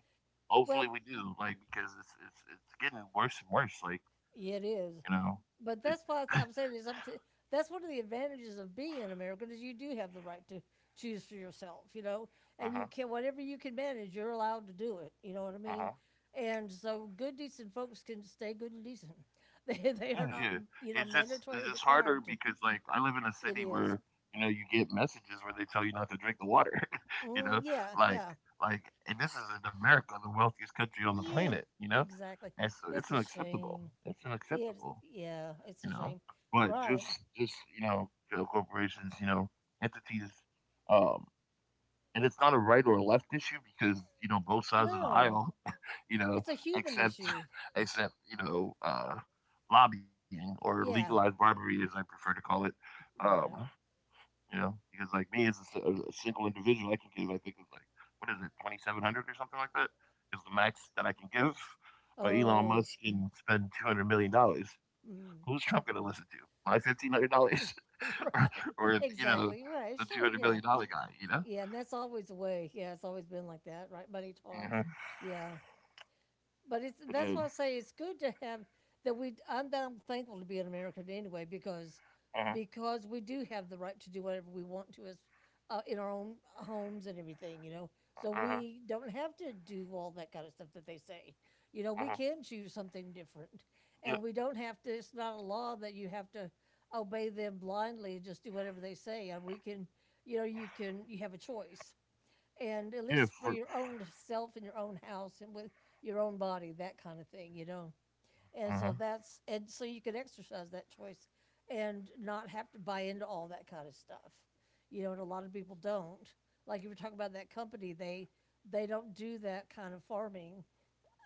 S1: hopefully
S2: Well,
S1: we do, like because it's it's it's getting worse and worse. Like
S2: yeah, it
S1: you
S2: is.
S1: know, it,
S2: But that's
S1: uh
S2: why it's- I'm saying it's up to. That's one of the advantages of being an American is you do have the right to choose for yourself, you know, and you
S1: huh,
S2: can whatever you can manage, you're allowed to do it. You know what I
S1: uh
S2: mean?
S1: huh.
S2: And so, good decent folks can stay good and decent. They
S1: Yeah,
S2: they are
S1: yeah.
S2: not
S1: It's
S2: you
S1: just
S2: know
S1: it's just
S2: mandatory
S1: harder
S2: required
S1: because
S2: to.
S1: like I live in a city
S2: It
S1: where
S2: is.
S1: you know you get messages where they tell you not to drink the water. You
S2: Mm,
S1: know,
S2: yeah,
S1: like
S2: yeah,
S1: like and this is in America, the wealthiest country on the
S2: yeah.
S1: planet. You know,
S2: Exactly.
S1: and so it's
S2: It's a
S1: unacceptable.
S2: shame.
S1: It's
S2: It
S1: unacceptable.
S2: Yeah,
S1: You
S2: it's
S1: know,
S2: a shame.
S1: but just
S2: Right.
S1: just you know, co- corporations, you know, entities, um, and it's not a right or a left issue because you know both sides of the
S2: No,
S1: aisle, you know,
S2: it's a human
S1: except
S2: issue.
S1: except you know, uh, lobbying, or legalized
S2: Yeah,
S1: bribery, as I prefer to call it. Um,
S2: right.
S1: you know, because like me as a, s- a- a single individual, I can give, I think it's like what is it, twenty seven hundred or something like that is the max that I can give. But Elon
S2: Oh.
S1: Musk can spend two hundred million dollars. Who's
S2: Mm.
S1: Trump going to listen to? My fifteen hundred dollars,
S2: Right.
S1: or you know,
S2: Exactly,
S1: the
S2: right,
S1: two hundred
S2: sure,
S1: million
S2: yeah.
S1: dollar guy? You know.
S2: Yeah, and that's always the way, yeah, it's always been like that, right? Money talks.
S1: Mhm.
S2: Yeah. But it's that's
S1: uh,
S2: why I say it's good to have that we. I'm, I'm thankful to be an American anyway, because
S1: huh,
S2: because we do have the right to do whatever we want to, as uh, in our own homes and everything, you know. So
S1: uh-huh,
S2: we don't have to do all that kind of stuff that they say. You know, we
S1: uh-huh.
S2: can choose something different, and
S1: Yeah,
S2: we don't have to. It's not a law that you have to obey them blindly and just do whatever they say. And we can, you know, you can you have a choice, and at
S1: yeah,
S2: least
S1: for,
S2: for your own self in your own house and with your own body, that kind of thing, you know and
S1: uh-huh,
S2: so that's and so you can exercise that choice and not have to buy into all that kind of stuff, you know and a lot of people don't, like you were talking about that company. They they don't do that kind of farming,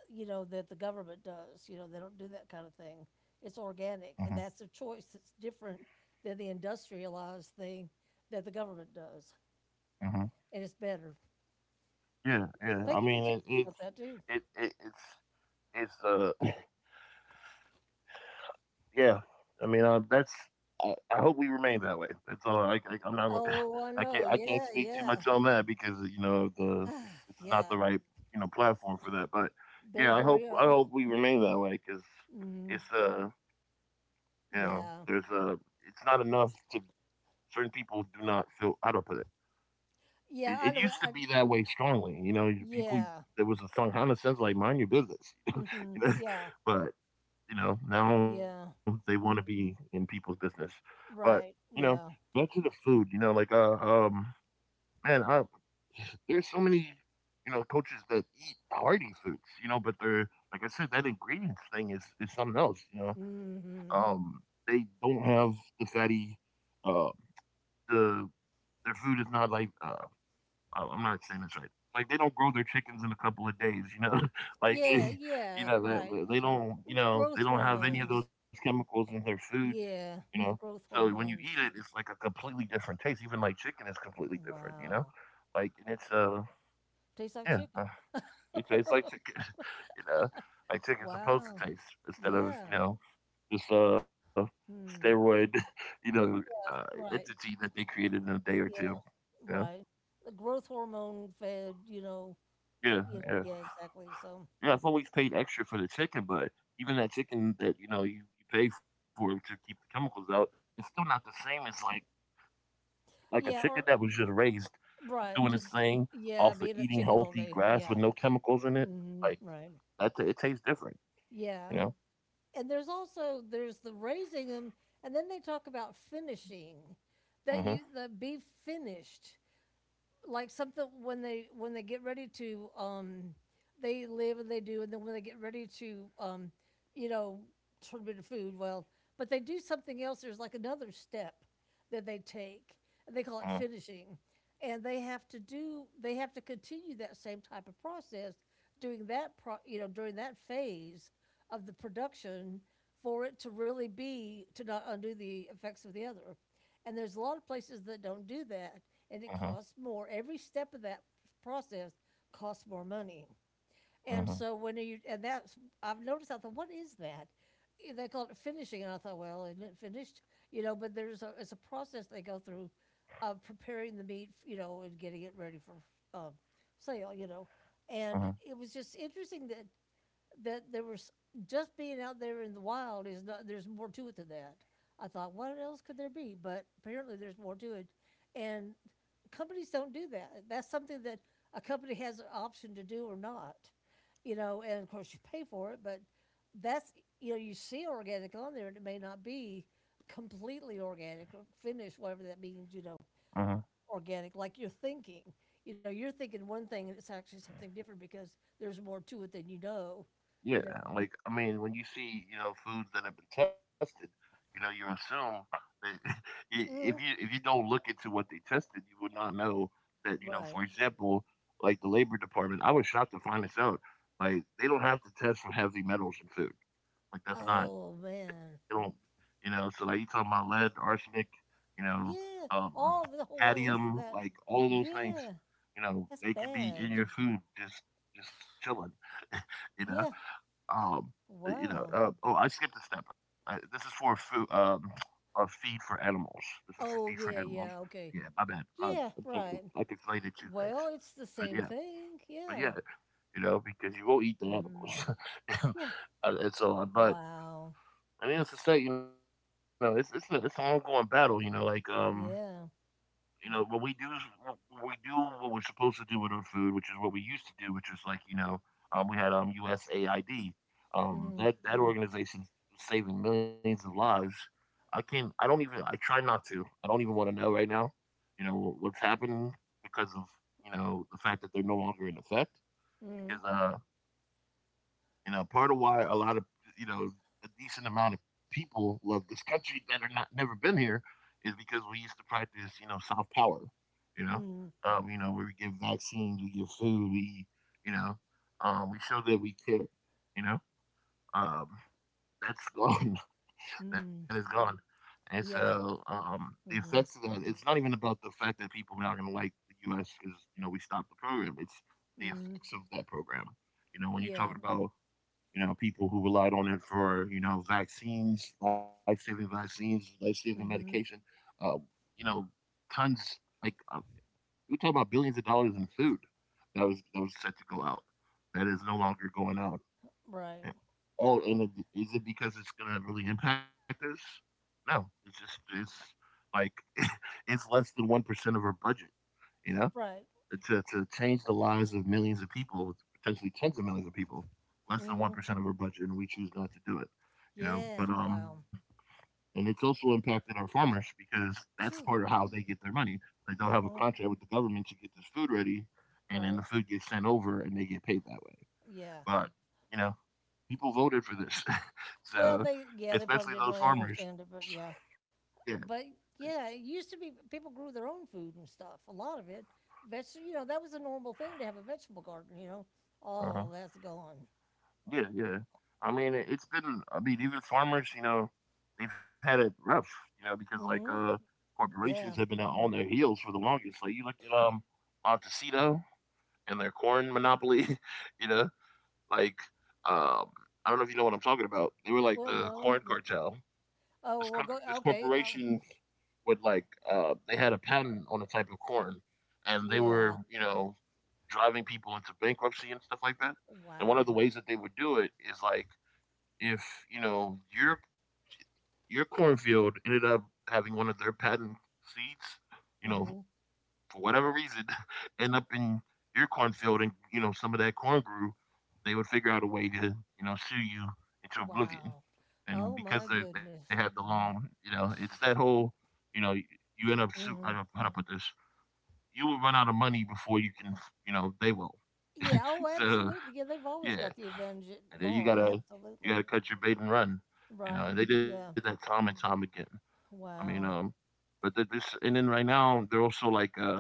S2: you know that the government does. you know they don't do that kind of thing. It's
S1: uh-huh.
S2: organic, and that's a choice that's different than the industrialized thing that the government does,
S1: Hmm.
S2: and it's better.
S1: Yeah, yeah. I
S2: Thank you for telling
S1: mean, it,
S2: me about
S1: it's
S2: that too.
S1: it, it it's it's uh yeah. I mean, uh, that's, I, I hope we remain that way. That's all. I, I I'm not gonna-
S2: Oh, I
S1: I
S2: know.
S1: can't I can't
S2: Yeah,
S1: speak too
S2: yeah,
S1: much on that because uh, you know the this is not
S2: yeah.
S1: the right, you know, platform for that. But
S2: Better
S1: yeah, I hope
S2: hurry
S1: I
S2: up.
S1: hope we remain that way because
S2: Mm,
S1: it's uh you know there's
S2: yeah,
S1: uh it's not enough to, certain people do not feel how to put it.
S2: yeah.
S1: It,
S2: I
S1: it
S2: know. It.
S1: used to
S2: I.
S1: be that way strongly. You know, people
S2: Yeah.
S1: there was a song kind of says like mind your business.
S2: Hmm. Yeah,
S1: But you know, now they
S2: yeah.
S1: want to be in people's business. But you know,
S2: Right.
S1: back
S2: Yeah.
S1: to the food. You know, like uh, um, man, I there's so many you know coaches that eat hearty foods. You know, but they're like I said, that ingredients thing is is something else. You know,
S2: Hmm.
S1: um, they don't have the fatty. Uh, the their food is not like uh, I I'm not saying this right. Like, they don't grow their chickens in a couple of days, you know? Like,
S2: Yeah,
S1: they, you
S2: yeah.
S1: know, they
S2: Right.
S1: they they don't, you know, they
S2: Growth
S1: don't have any of those
S2: hormones.
S1: chemicals in their foods, you
S2: Yeah,
S1: know?
S2: the growth
S1: So when you eat
S2: hormones.
S1: it, it's like a completely different taste. Even like chicken is completely different, you know?
S2: Wow.
S1: Like, and it's, uh,
S2: Tastes like
S1: yeah,
S2: chicken.
S1: uh, it tastes like chicken, you know? Like chicken's supposed
S2: Wow.
S1: to taste instead of, you
S2: Yeah.
S1: know, this, uh,
S2: Hmm.
S1: steroid, you know, uh,
S2: Right.
S1: entity that they created in a day or
S2: Yeah.
S1: two. Yeah,
S2: Right. The growth hormone fed. You know.
S1: yeah,
S2: You know.
S1: yeah.
S2: Yeah. Exactly. So.
S1: Yeah, I've always paid extra for the chicken, but even that chicken that you know you, you pay for to keep the chemicals out, it's still not the same as like like a
S2: Yeah,
S1: chicken
S2: or
S1: that was just raised
S2: right,
S1: doing its
S2: just
S1: thing
S2: yeah,
S1: off of
S2: being a
S1: eating
S2: chicken all
S1: healthy
S2: day.
S1: grass with
S2: Yeah.
S1: no chemicals in it.
S2: Mhm,
S1: Like
S2: right.
S1: that, ta- it tastes different,
S2: Yeah.
S1: you know.
S2: And there's also there's the raising them, and then they talk about finishing,
S1: Mhm.
S2: that you the be finished. Like something when they when they get ready to um they live, and they do, and then when they get ready to um you know turn into food, well, but they do something else. There's like another step that they take, and they call it
S1: Mhm.
S2: finishing, and they have to do they have to continue that same type of process, doing that pro, you know during that phase of the production, for it to really be to not undo the effects of the other. And there's a lot of places that don't do that, and it
S1: Mhm.
S2: costs more. Every step of that process costs more money. And
S1: Mhm.
S2: so when you and that's, I've noticed I thought, what is that? Eh, They called it finishing, and I thought, well, isn't it finished? You know, but there's a it's a process they go through of preparing the meat, you know, and getting it ready for uh, sale. You know, and
S1: Mhm.
S2: it was just interesting that that there was, just being out there in the wild is not, there's more to it than that. I thought, what else could there be? But apparently there's more to it, and companies don't do that. That's something that a company has an option to do or not, you know and of course you pay for it, but that's, you know you see organic on there, and it may not be completely organic or finished, whatever that means, you know
S1: Mhm.
S2: organic like you're thinking, you know you're thinking one thing, and it's actually something different because there's more to it than you know
S1: Yeah,
S2: you.
S1: like I mean, when you see you know foods that have been tested, you know you assume that i- if you
S2: Mhm.
S1: if you don't look into what they tested, you would not know that you know. For
S2: Right.
S1: example, like the Labor Department, I was shocked to find this out. Like they don't have to test for heavy metals in food. Like that's not,
S2: Oh,
S1: they don't,
S2: man.
S1: you know. So like you talking about lead, arsenic, you know,
S2: Yeah,
S1: um,
S2: all the whole long list
S1: cadmium,
S2: of that.
S1: like all of those things,
S2: Yeah,
S1: you know,
S2: that's
S1: they could be
S2: bad.
S1: in your food just just chilling, you
S2: Yeah,
S1: know. Um, uh, you
S2: wow.
S1: know, uh, oh, I skipped a step. Uh, this is for food, um, a feed for animals. This is for
S2: Oh,
S1: feed for
S2: yeah,
S1: animals.
S2: yeah, okay.
S1: Yeah, my bad. Um,
S2: Yeah,
S1: I'm talking,
S2: right.
S1: I conflated two things.
S2: Well, it's the
S1: But
S2: same
S1: yeah,
S2: thing.
S1: but
S2: Yeah.
S1: yeah, you know, because you will not eat the animals.
S2: Mm. Yeah.
S1: and and So, uh, but
S2: Wow.
S1: I mean, it's to say, you know, it's it's, a, it's an ongoing battle. You know, like um,
S2: Yeah.
S1: you know, what we do is what we do what we're supposed to do with our food, which is what we used to do, which is like, you know, um, we had um, U S A I D. Um,
S2: Mm,
S1: that that organization's saving millions of lives. I can't. I don't even. I try not to. I don't even want to know right now. You know what's happening because of you know the fact that they're no longer in effect.
S2: mm,
S1: Because uh, you know, part of why a lot of you know a decent amount of people love this country that are not never been here is because we used to practice you know soft power. You know,
S2: mm,
S1: um, you know where we give vaccines, we give food, we you know um, we show that we care. You know, um, that's gone. That is
S2: mm.
S1: gone. And so
S2: Yeah.
S1: um, the effects of
S2: Mhm.
S1: that, it's not even about the fact that people are not going to like the U S because, you know, we stopped the program. It's the
S2: Mm.
S1: effects of that program. You know, when you talk
S2: Yeah.
S1: about you know, people who relied on it for you know vaccines, life saving vaccines, life saving medication.
S2: Mhm.
S1: Uh, you know, tons, like uh, we're talking about billions of dollars in food that was that was set to go out. That is no longer going out.
S2: Right.
S1: And All and it, is it because it's going to really impact us? No, it's just it's like it's less than one percent of our budget. You know,
S2: Right.
S1: to to change the lives of millions of people, potentially tens of millions of people, less than one
S2: Mm.
S1: percent of our budget, and we choose not to do it. You know,
S2: Yeah.
S1: but um,
S2: Wow.
S1: and it's also impacted our farmers because that's part of
S2: True.
S1: how they get their money. Like they'll have a
S2: Mhm.
S1: contract with the government to get this food ready, and then the
S2: Right.
S1: food gets sent over, and they get paid that way.
S2: Yeah.
S1: But you know, people voted for this,
S2: Well,
S1: so
S2: they yeah, they
S1: especially
S2: probably didn't
S1: those
S2: really
S1: farmers.
S2: understand it, but yeah,
S1: Yeah.
S2: but yeah, it used to be people grew their own food and stuff. A lot of it. Veg You know, that was a normal thing to have a vegetable garden. You know,
S1: Uh huh.
S2: oh, that's gone.
S1: Yeah, yeah. I mean, it- it's been. I mean, even farmers, you know, they've had it rough, you know, because like uh,
S2: Hmm.
S1: corporations have
S2: Yeah.
S1: been on their heels for the longest. Like you look at um Montecito and their corn monopoly, you know, like um, I don't know if you know what I'm talking about. They were like
S2: Well,
S1: the
S2: no,
S1: corn
S2: but
S1: cartel. This
S2: oh,
S1: company,
S2: well,
S1: this
S2: go okay.
S1: corporation
S2: Oh,
S1: would like uh, they had a patent on a type of corn, and they
S2: yeah.
S1: were you know driving people into bankruptcy and stuff like that. And one of
S2: Wow.
S1: the ways that they would do it is like if you know your your cornfield ended up having one of their patent seeds, you know,
S2: Hmm.
S1: for whatever reason, end up in your cornfield and you know some of that corn grew, they would figure out a way to you know sue you into oblivion.
S2: Wow.
S1: And
S2: Oh
S1: because
S2: my
S1: they they had the
S2: goodness.
S1: loan, you know, it's that whole, you know, you, you end up su- I don't
S2: Hmm.
S1: how to put this. You will run out of money before you can, you know, they will.
S2: Yeah. Oh,
S1: So
S2: absolutely. Yeah, they've always
S1: yeah,
S2: got the advantage at
S1: and then you
S2: law.
S1: gotta you gotta
S2: Absolutely.
S1: cut your bait and run. You know,
S2: Right.
S1: and they did that
S2: Yeah.
S1: time and time again. I mean, um,
S2: Wow.
S1: but th- this and then right now they're also like uh,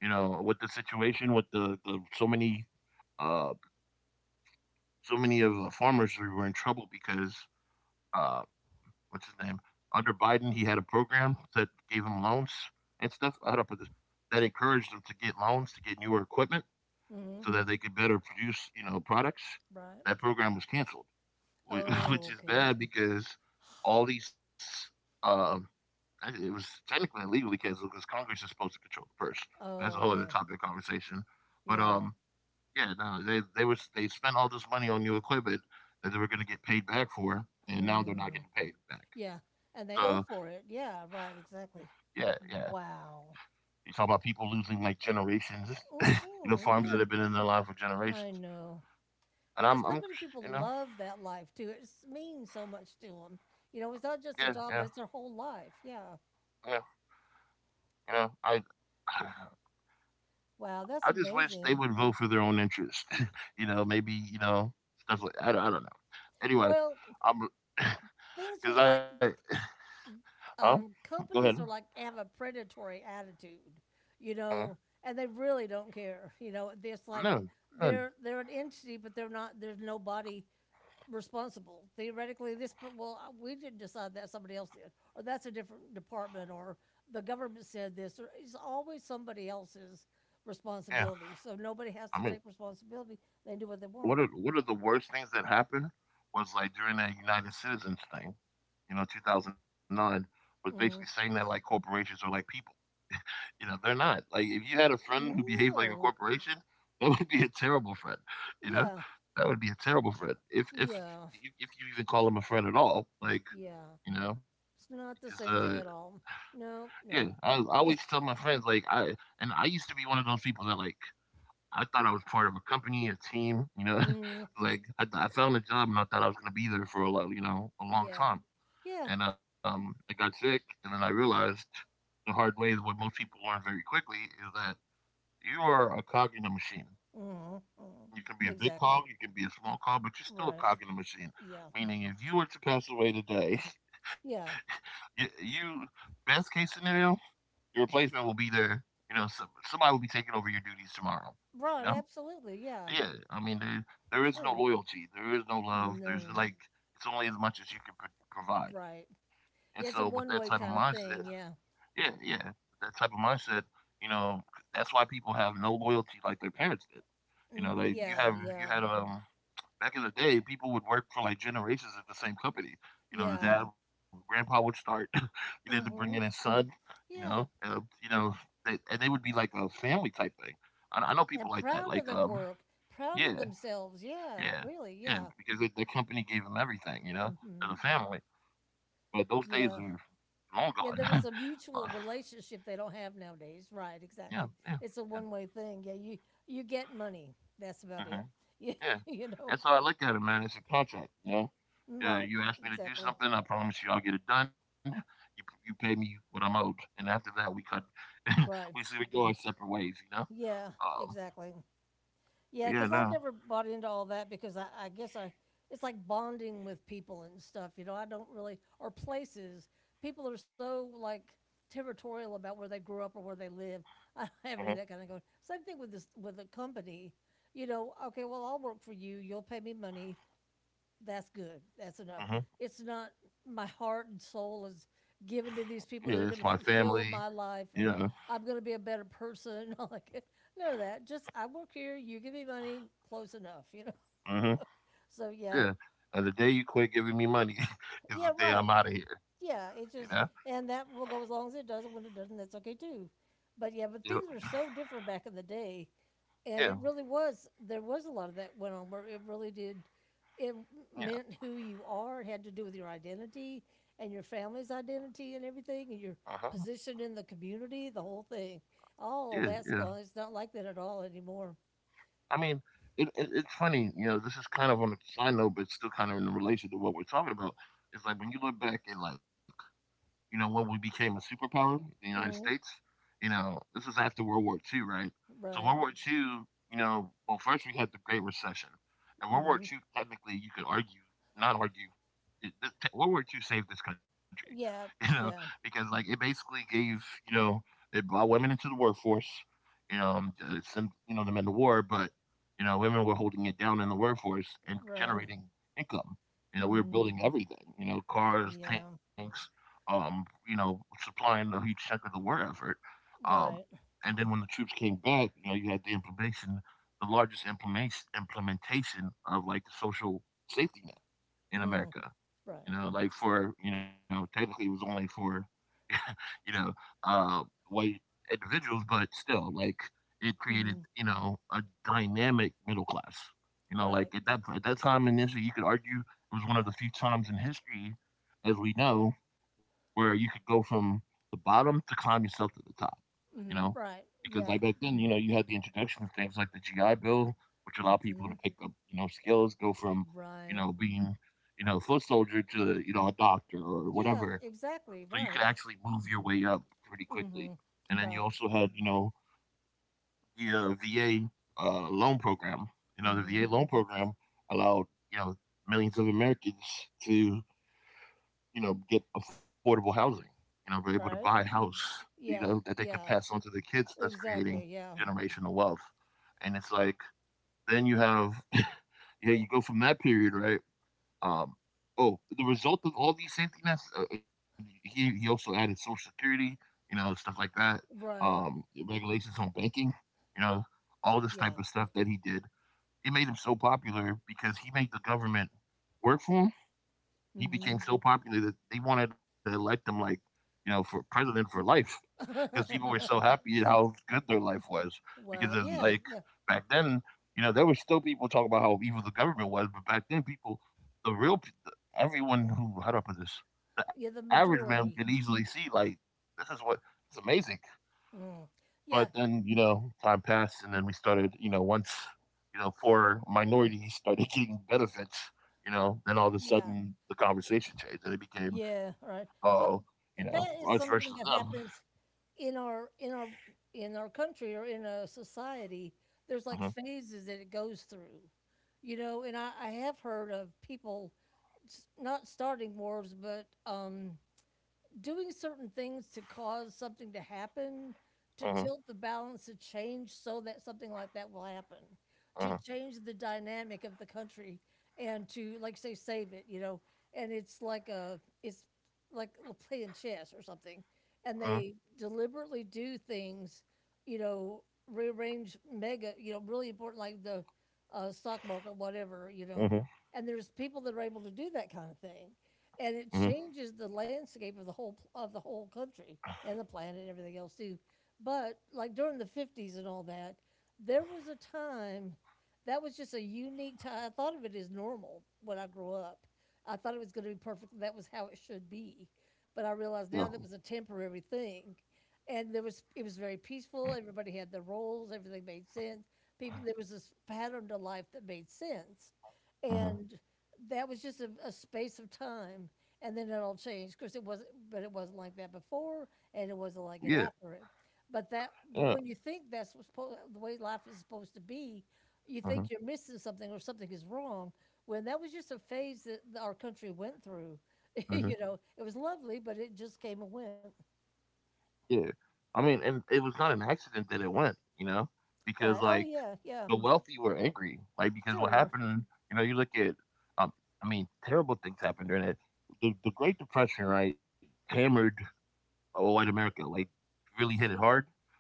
S1: you know, with the situation with the, the so many uh so many of the farmers who were in trouble because um what's his name, under Biden, he had a program that gave him loans and stuff. I don't put this, that encouraged them to get loans to get newer equipment
S2: Hmm.
S1: so that they could better produce you know products.
S2: Right.
S1: That program was canceled, whi-
S2: Oh,
S1: which is
S2: okay.
S1: bad because all these um I- it was technically illegal because because Congress is supposed to control the purse. That's a
S2: Oh,
S1: whole other
S2: okay.
S1: topic of conversation. But
S2: Yeah.
S1: um, yeah, no, they they was they spent all this money on new equipment that they were going to get paid back for, and now they're not
S2: Mm.
S1: getting paid back.
S2: Yeah. And
S1: So
S2: they owe for it. Yeah, right, exactly.
S1: yeah, yeah,
S2: Wow.
S1: you talk about people losing like generations, you know,
S2: Mhm.
S1: farms that
S2: Yeah,
S1: have been in their life for
S2: I
S1: generations.
S2: know.
S1: And
S2: And
S1: I'm,
S2: so
S1: I'm,
S2: many people
S1: you know,
S2: love that life too. It s- means so much to them. You know, it's
S1: yeah,
S2: not just a
S1: yeah,
S2: job, but it's their whole life. Yeah.
S1: yeah, you know, I,
S2: Wow, that's
S1: I just wish they
S2: amazing.
S1: would vote for their own interest. You know, maybe you know stuff like I don't, I don't know. Anyway,
S2: Well,
S1: I'm
S2: things
S1: because
S2: are like
S1: I oh,
S2: um,
S1: go ahead.
S2: companies are like have a predatory attitude, you
S1: Uh,
S2: know, and they really don't care. You know, it's like
S1: no, none.
S2: they're they're an entity, but they're not. There's nobody responsible. Theoretically, this per- well, uh, we didn't decide that. Somebody else did, or that's a different department, or the government said this. Or it's always somebody else's
S1: Yeah,
S2: responsibility. So nobody has
S1: I
S2: to
S1: mean,
S2: take responsibility. They do what they
S1: what
S2: want.
S1: are what are the worst things that happened? Was like during that United Citizens thing, you know, twenty oh nine was basically saying
S2: Mm,
S1: that like corporations are like people. You know, they're not. Like if you had a friend who behaved like a
S2: no.
S1: corporation, that would be a terrible friend. You know,
S2: Yeah.
S1: that would be a terrible friend. If if
S2: Yeah.
S1: you, if you even call him a friend at all, like
S2: Yeah.
S1: you know,
S2: It's
S1: because
S2: not the
S1: uh,
S2: same thing at all. No,
S1: yeah, I,
S2: no.
S1: I always tell
S2: Yeah,
S1: my friends like I and I used to be one of those people that like I thought I was part of a company, a team. You know,
S2: mm,
S1: like I, I found a job and I thought I was gonna be there for a lo- you know a long
S2: yeah,
S1: time,
S2: yeah.
S1: and um, I got sick, and then I realized the hard way that what most people learn very quickly is that you are a cog in a machine.
S2: Mhm, mhm.
S1: You can be a big
S2: Exactly.
S1: cog, you can be a small cog, but you're still a
S2: Right.
S1: cog in a machine.
S2: Yeah,
S1: Meaning, if you were to pass away today,
S2: yeah.
S1: you, you best case scenario, your replacement will be there. You know, some, somebody will be taking over your duties tomorrow. You
S2: Right,
S1: know,
S2: absolutely, yeah.
S1: yeah. I mean, there, there is no
S2: Sure.
S1: loyalty, there is no love. There's
S2: No.
S1: like it's only as much as you can pro- provide.
S2: Right.
S1: And so,
S2: Yeah,
S1: with
S2: it's a
S1: that type of
S2: one-way kinda
S1: mindset,
S2: thing, yeah.
S1: yeah, yeah. That type of mindset, you know, that's why people have no loyalty like their parents did. You know,
S2: Mhm,
S1: like you
S2: yeah,
S1: have you
S2: yeah,
S1: had um back in the day, people would work for like generations at the same company. You know, the
S2: yeah.
S1: dad, grandpa would start, he had to bring in his
S2: Mhm,
S1: son. You know,
S2: yeah.
S1: uh, you know, they, and they would be like a family type thing. I, I know people
S2: And
S1: like that.
S2: proud
S1: Like,
S2: of them
S1: um,
S2: work, proud of
S1: yeah,
S2: themselves, yeah,
S1: yeah,
S2: really,
S1: yeah,
S2: yeah.
S1: because they, their company gave them everything. You know, as
S2: Mhm,
S1: a family. But those days are
S2: yeah.
S1: long gone.
S2: Yeah, there was a
S1: Uh,
S2: mutual relationship they don't have nowadays. Right,
S1: yeah,
S2: exactly.
S1: yeah, yeah.
S2: It's a one-way thing. Yeah, you you get money. That's about
S1: Uh-huh.
S2: it. Yeah,
S1: Yeah.
S2: you know.
S1: That's how I look at it, man. It's a contract, you know. Yeah,
S2: Right.
S1: you ask me to do
S2: Exactly.
S1: something, I promise you I'll get it done. You you pay me what I'm owed, and after that we cut. We
S2: Right.
S1: see we go our separate ways, you know.
S2: Yeah,
S1: Um,
S2: exactly. Yeah,
S1: but
S2: because
S1: yeah,
S2: I've
S1: no.
S2: never bought into all that because I, I guess I it's like bonding with people and stuff. You know, I don't really or places. People are so like territorial about where they grew up or where they live. I don't have any of that
S1: Uh-huh.
S2: kind of going. Same thing with this with a company. You know, okay, well I'll work for you. You'll pay me money, that's good. That's enough. It's
S1: Uh-huh.
S2: not my heart and soul is given to these people that are
S1: Yeah,
S2: going
S1: it's
S2: to
S1: my
S2: fulfill
S1: family.
S2: my life and
S1: Yeah.
S2: I'm going to be a better person. all Like none of that. Just I work here. You give me money. Close enough. You know.
S1: Uh-huh.
S2: So yeah,
S1: Yeah. And the day you quit giving me money is
S2: yeah,
S1: the day
S2: right.
S1: I'm out of here. You
S2: Yeah,
S1: know.
S2: it just and that will go as long as it doesn't. When it doesn't, that's okay too. But yeah,
S1: Yeah.
S2: but things were so different back in the day.
S1: Yeah.
S2: And it really was, there was a lot of that went on where it really did it
S1: Yeah.
S2: meant who you are, it had to do with your identity and your family's identity and everything
S1: Uh
S2: and
S1: huh.
S2: your position in the community, the whole thing.
S1: Yeah.
S2: All
S1: Yeah.
S2: that's gone, it's not like that at all anymore.
S1: I mean, it, it, it's funny, you know, this is kind of on a side note, but it's still kind of in relation to what we're talking about. It's like when you look back at like you know, when we became a superpower, the United States,
S2: Hmm.
S1: you know, this is after World War two, right? So
S2: Right.
S1: World War two, you know, well, first we had the Great Recession, and World War
S2: Hmm.
S1: two, technically, you could argue, not argue, it, this, World War two saved this country, you
S2: Yeah.
S1: know,
S2: Yeah.
S1: because like it basically gave, you know, it brought women into the workforce, you know, um, it sent, you know, the men to war, but you know, women were holding it down in the workforce and
S2: Right.
S1: generating income. You know, we were
S2: Hmm.
S1: building everything, you know, cars,
S2: Yeah.
S1: tanks, um, you know, supplying a huge chunk of the war effort. Um,
S2: Right.
S1: and then when the troops came back, you know, you had the implementation, the largest implementation implementation of like the social safety net in
S2: Hmm.
S1: America. You
S2: Right.
S1: know, like for you know, technically it was only for you know, uh, white individuals, but still, like, it created,
S2: Hmm.
S1: you know, a dynamic middle class. You know,
S2: Right.
S1: like at that at that time in history, you could argue it was one of the few times in history, as we know, where you could go from the bottom to climb yourself to the top, you know,
S2: Hmm. Right.
S1: because like
S2: Yeah.
S1: back then, you know, you had the introduction of things like the G I Bill, which allowed people
S2: Hmm.
S1: to pick up, you know, skills, go from, you
S2: Right.
S1: know, being, you know, a foot soldier to, you know, a doctor or
S2: Yeah,
S1: whatever. So you could
S2: exactly,
S1: actually
S2: right.
S1: move your way up pretty quickly.
S2: Hmm.
S1: And then you also
S2: Right.
S1: had, you know, the uh, V A uh, loan program. You know, the
S2: Hmm.
S1: V A loan program allowed, you know, millions of Americans to, you know, get affordable housing. You know, we're able to
S2: Right.
S1: buy a house, you
S2: Yeah.
S1: know, that they can
S2: Yeah.
S1: pass on to their kids. That's
S2: Exactly.
S1: creating
S2: Yeah.
S1: generational wealth. And it's like, then you have, yeah, you go from that period, right? Um, oh, the result of all these safety nets, uh, uh, he, he also added social security, you know, stuff like that, um,
S2: Right.
S1: regulations on banking, you know, all this type
S2: Yeah.
S1: of stuff that he did. It made him so popular because he made the government work for him. He
S2: Hmm.
S1: became so popular that they wanted to elect him like, you know, for president for life because people were so happy at how good their life was. Because
S2: Wow.
S1: of,
S2: Yeah.
S1: like
S2: Yeah.
S1: back then, you know, there were still people talking about how evil the government was, but back then, people, the real, everyone who, how do I put this? The
S2: Yeah. The
S1: average man could
S2: majority.
S1: easily see like, this is what it's amazing.
S2: Mm.
S1: But
S2: Yeah.
S1: then, you know, time passed, and then we started, you know, once, you know, for minorities started getting benefits, you know, then all of a
S2: Yeah.
S1: sudden the conversation changed and it
S2: Yeah.
S1: became,
S2: Right. Well,
S1: oh, you know,
S2: that is
S1: us
S2: something
S1: versus
S2: that
S1: them.
S2: happens in our in our in our country or in a society. There's like
S1: Uh
S2: phases that it goes through, you know. And I, I have heard of people s- not starting wars, but um, doing certain things to cause something to happen, to
S1: Uh huh. Huh.
S2: tilt the balance, to change so that something like that will happen, to
S1: Uh
S2: change
S1: huh.
S2: the dynamic of the country and to, like, say, save it, you know. And it's like a, it's like playing chess or something. And
S1: Uh
S2: they deliberately do things, you know, rearrange mega, you know, really important, like the uh, stock market, whatever, you know.
S1: huh.
S2: And there's people that are able to do that kind of thing and it
S1: Uh
S2: changes
S1: huh.
S2: the landscape of the whole of the whole country and the planet and everything else too. But like during the fifties and all that, there was a time that was just a unique time. I thought of it as normal when I grew up. I thought it was going to be perfect. That was how it should be. But I realized now
S1: Yeah,
S2: that was a temporary thing, and there was it was very peaceful. Everybody had their roles. Everything made sense. People there was this pattern to life that made sense, and
S1: uh huh.
S2: that was just a, a space of time, and then it all changed. Of course, it wasn't, but it wasn't like that before, and it wasn't like it
S1: Yeah,
S2: after it. But that, but
S1: yeah,
S2: when you think that's what's supposed, the way life is supposed to be, you think
S1: uh
S2: you're
S1: huh.
S2: missing something or something is wrong. When that was just a phase that our country went through, you
S1: Uh
S2: know,
S1: huh.
S2: it was lovely, but it just came and went.
S1: Yeah. I mean, and it was not an accident that it went, you know,
S2: Right?
S1: because
S2: Oh
S1: like
S2: yeah, yeah,
S1: the wealthy were angry, like because what
S2: sure.
S1: happened, you know, you look at, um, I mean, terrible things happened during it. The the Great Depression, right, hammered uh, white America, like really hit it hard,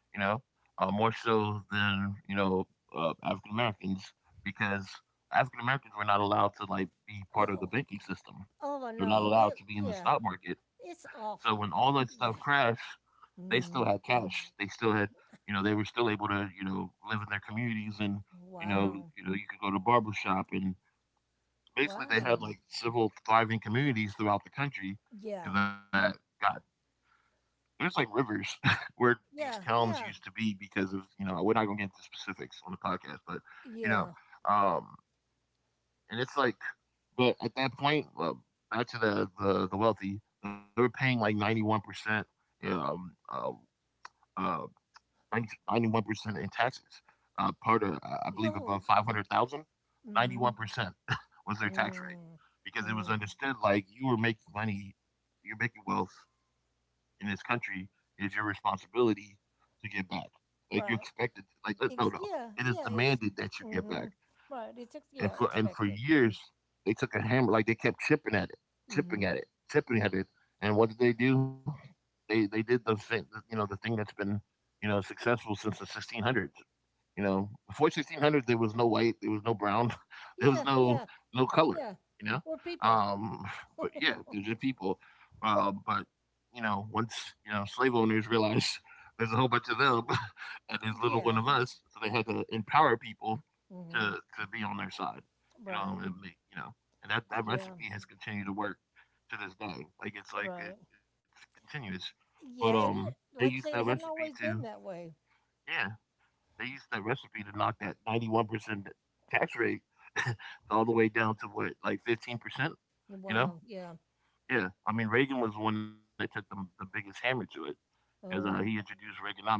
S1: you know, uh, more so than you know uh, African Americans because African Americans were not allowed to like be part of the
S2: Oh,
S1: banking system.
S2: oh, I
S1: They're not
S2: know. It,
S1: allowed to be in the
S2: yeah,
S1: stock market.
S2: it's
S1: So when all that
S2: awful.
S1: stuff
S2: Yeah.
S1: crashed, they still had
S2: Mm.
S1: cash. They still had, you know, they were still able to, you know, live in their communities and, you know,
S2: Wow.
S1: you know, you could go to barber shop and basically they had
S2: Wow.
S1: like civil thriving communities throughout the country
S2: Yeah,
S1: and that got there's like rivers where these
S2: yeah,
S1: towns used
S2: yeah,
S1: to be because of, you know, we're not gonna get into specifics on the podcast, but you
S2: yeah.
S1: know, um and it's like but at that point, uh, back to the, the the wealthy, they were paying like ninety one percent um uh, uh ninety-one percent in taxes. Uh, part of, I believe,
S2: Oh,
S1: above five hundred thousand,
S2: mm-hmm,
S1: ninety-one percent was their tax rate
S2: mm,
S1: because it was
S2: mm,
S1: understood like you were making money, you're making wealth in this country. It's your responsibility to give back. Like you expected,
S2: right.
S1: like, no, no, no.
S2: Ex-
S1: It is
S2: yeah, yeah.
S1: demanded that
S2: It's
S1: you give back
S2: mm-hmm, right. It's ex-
S1: and for
S2: yeah,
S1: and for
S2: expected.
S1: years they took a hammer like they kept chipping at it chipping
S2: Mm-hmm.
S1: at it chipping at it. And what did they do? They they did the thing, you know, the thing that's been, you know, successful since the sixteen hundreds. You know, before sixteen hundred, there was no white, there was no brown, there was
S2: Yeah,
S1: no
S2: yeah,
S1: no color.
S2: yeah.
S1: You know,
S2: We're people.
S1: um, but yeah, there's just people. Uh, but you know, once, you know, slave owners realized there's a whole bunch of them, and there's little one of
S2: Yeah.
S1: us, so they had to empower people
S2: Mm-hmm.
S1: to to be on their side. You
S2: Right.
S1: know, and make, you know, and that that
S2: Yeah.
S1: recipe has continued to work to this day. Like it's like it,
S2: Right.
S1: it's continuous. But
S2: Yeah. And
S1: um,
S2: it,
S1: they used
S2: like you
S1: that
S2: say, it hadn't
S1: recipe
S2: always
S1: to,
S2: been that way.
S1: yeah, they used that recipe to knock that ninety-one percent tax rate all the way down to what, like fifteen percent? You know?
S2: Wow. Yeah.
S1: Yeah. I mean, Reagan was the one that took the, the biggest hammer to it because uh, he
S2: Oh.
S1: introduced Reaganomics,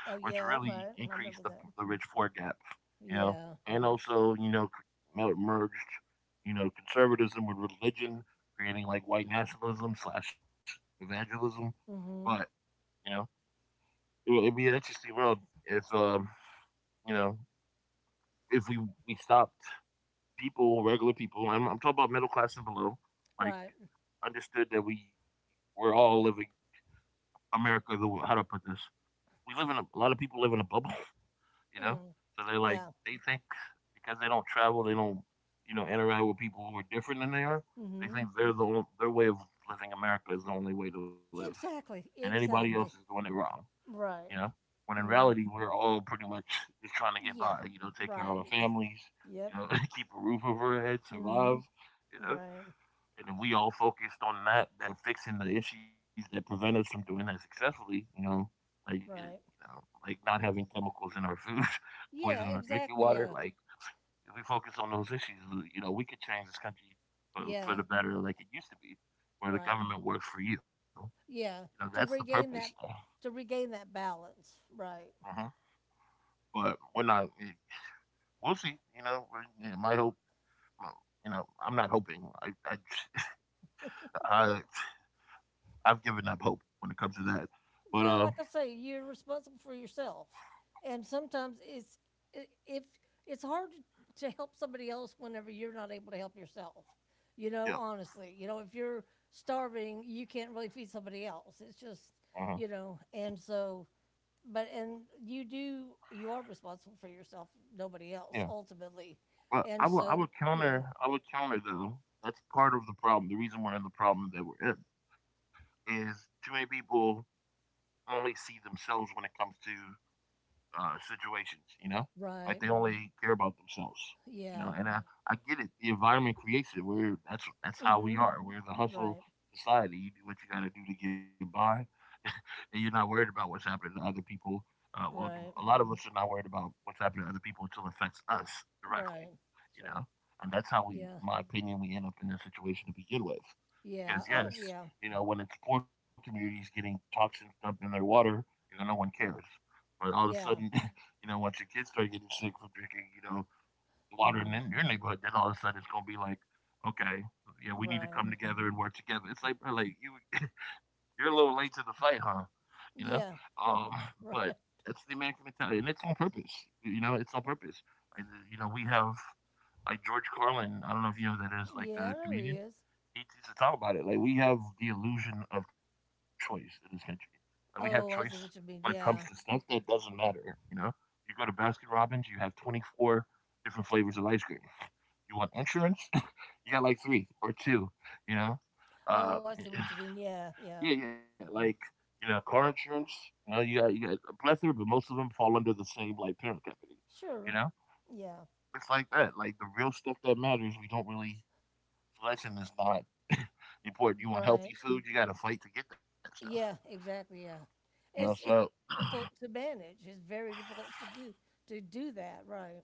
S1: which
S2: Oh. Yeah.
S1: really
S2: Right. I
S1: increased the,
S2: remember that.
S1: the rich poor gap, you know?
S2: Yeah.
S1: And also, you know, mer- merged, you know, conservatism with religion, creating like white nationalism slash evangelism. But,
S2: Mm-hmm.
S1: you know, it, it'd be an interesting world if, um, you know, if we, we stopped people, regular people, I'm, I'm talking about middle class and below, like
S2: Right.
S1: understood that we we're all living America. The how do I put this? We live in a, a lot of people live in a bubble, you know.
S2: Mm.
S1: So they like
S2: Yeah.
S1: they think because they don't travel, they don't, you know, interact with people who are different than they are. They
S2: Mm-hmm.
S1: think they're the their way of living America is the only way to live, and
S2: Exactly,
S1: anybody else is
S2: exactly.
S1: doing it wrong, you
S2: Right.
S1: know. When in
S2: Mhm.
S1: reality, we're all pretty much just trying to get
S2: Yeah.
S1: by, you know, take care of
S2: Right.
S1: our
S2: It's
S1: families, you
S2: yep.
S1: know, keep a roof over our head, survive,
S2: Mhm.
S1: you know.
S2: Right.
S1: And if we all focused on that and fixing the issues that prevent us from doing that successfully, you know, like you
S2: Right.
S1: know, like not having chemicals in our food, poison
S2: Yeah,
S1: in our drinking
S2: exactly.
S1: water,
S2: Yeah.
S1: like if we focus on those issues, you know, we could change this country for, for the
S2: Yeah.
S1: better, like it used to be, where the
S2: Right.
S1: government works for you. You know,
S2: Yeah.
S1: that's the
S2: To
S1: purpose.
S2: regain that, to regain that balance. Right.
S1: uh But we're not. eh, We'll see. You know, we- you my hope. well, You know, I'm not hoping. I, I, I, I've given up hope when it comes to that. But uh,
S2: Well, like I say, you're responsible for yourself, and sometimes it's i- if it's hard to to help somebody else whenever you're not able to help yourself. You know,
S1: yeah.
S2: honestly, you know, if you're starving, you can't really feed somebody else. It's just,
S1: Uh huh.
S2: you know, and so, but and you do, you are responsible for yourself, nobody else,
S1: Yeah,
S2: ultimately,
S1: but I
S2: and
S1: would I
S2: so,
S1: would
S2: you know,
S1: counter I would counter though. That's part of the problem. The reason we're in the problem that we're in is too many people only see themselves when it comes to uh, situations. You know, like
S2: right,
S1: they only care about themselves. You
S2: yeah,
S1: know, and I, I get it. The environment creates it. We're that's that's how
S2: hmm,
S1: we are. We're the hustle
S2: right,
S1: society. You do what you got to do to get by and you're not worried about what's happening to other people. Uh, well, a
S2: right,
S1: lot of us are not worried about what's happening to other people until it affects us directly,
S2: right,
S1: you
S2: sure.
S1: know. And that's how we, in
S2: Yeah.
S1: my opinion, we end up in this situation to begin with.
S2: Yeah.
S1: Because
S2: Oh,
S1: yes,
S2: yeah.
S1: you know, when it's poor communities getting toxins dumped in their water, you know, no one cares. But all of a sudden,
S2: Yeah.
S1: you know, once your kids start getting sick from drinking, you know, water in
S2: Mm,
S1: your neighborhood, then all of a sudden it's gonna be like, okay, yeah, we need to
S2: right.
S1: come together and work together. It's like, bro, like you, you're a little late to the fight, huh? You know,
S2: Yeah.
S1: um,
S2: Right.
S1: but that's the American mentality, and it's on purpose. You know, it's on purpose. Like, you know, we have like George Carlin. I don't know if you know who that is, like
S2: Yeah,
S1: a
S2: I know he
S1: comedian.
S2: is.
S1: He used to talk about it. Like we have the illusion of choice in this country. Like we have choice
S2: Oh, I
S1: when it
S2: see what
S1: comes
S2: you
S1: to
S2: mean.
S1: stuff that
S2: Yeah.
S1: doesn't matter. You know, you go to Baskin Robbins, you have twenty-four different flavors of ice cream. You want insurance? You got like three or two, you know? Um,
S2: Oh, I see what you mean. Yeah. Yeah.
S1: yeah, yeah, like, you know, car insurance, you know, you got, you got a plethora, but most of them fall under the same, like, parent company, you
S2: Sure.
S1: know?
S2: Yeah.
S1: It's like that. Like, the real stuff that matters, we don't really, selection is not important. You want healthy
S2: Right.
S1: food, you got to fight to get that stuff,
S2: Yeah. Exactly. Yeah.
S1: you know?
S2: It's
S1: So,
S2: it's difficult to manage. It's very difficult to do to do that. Right.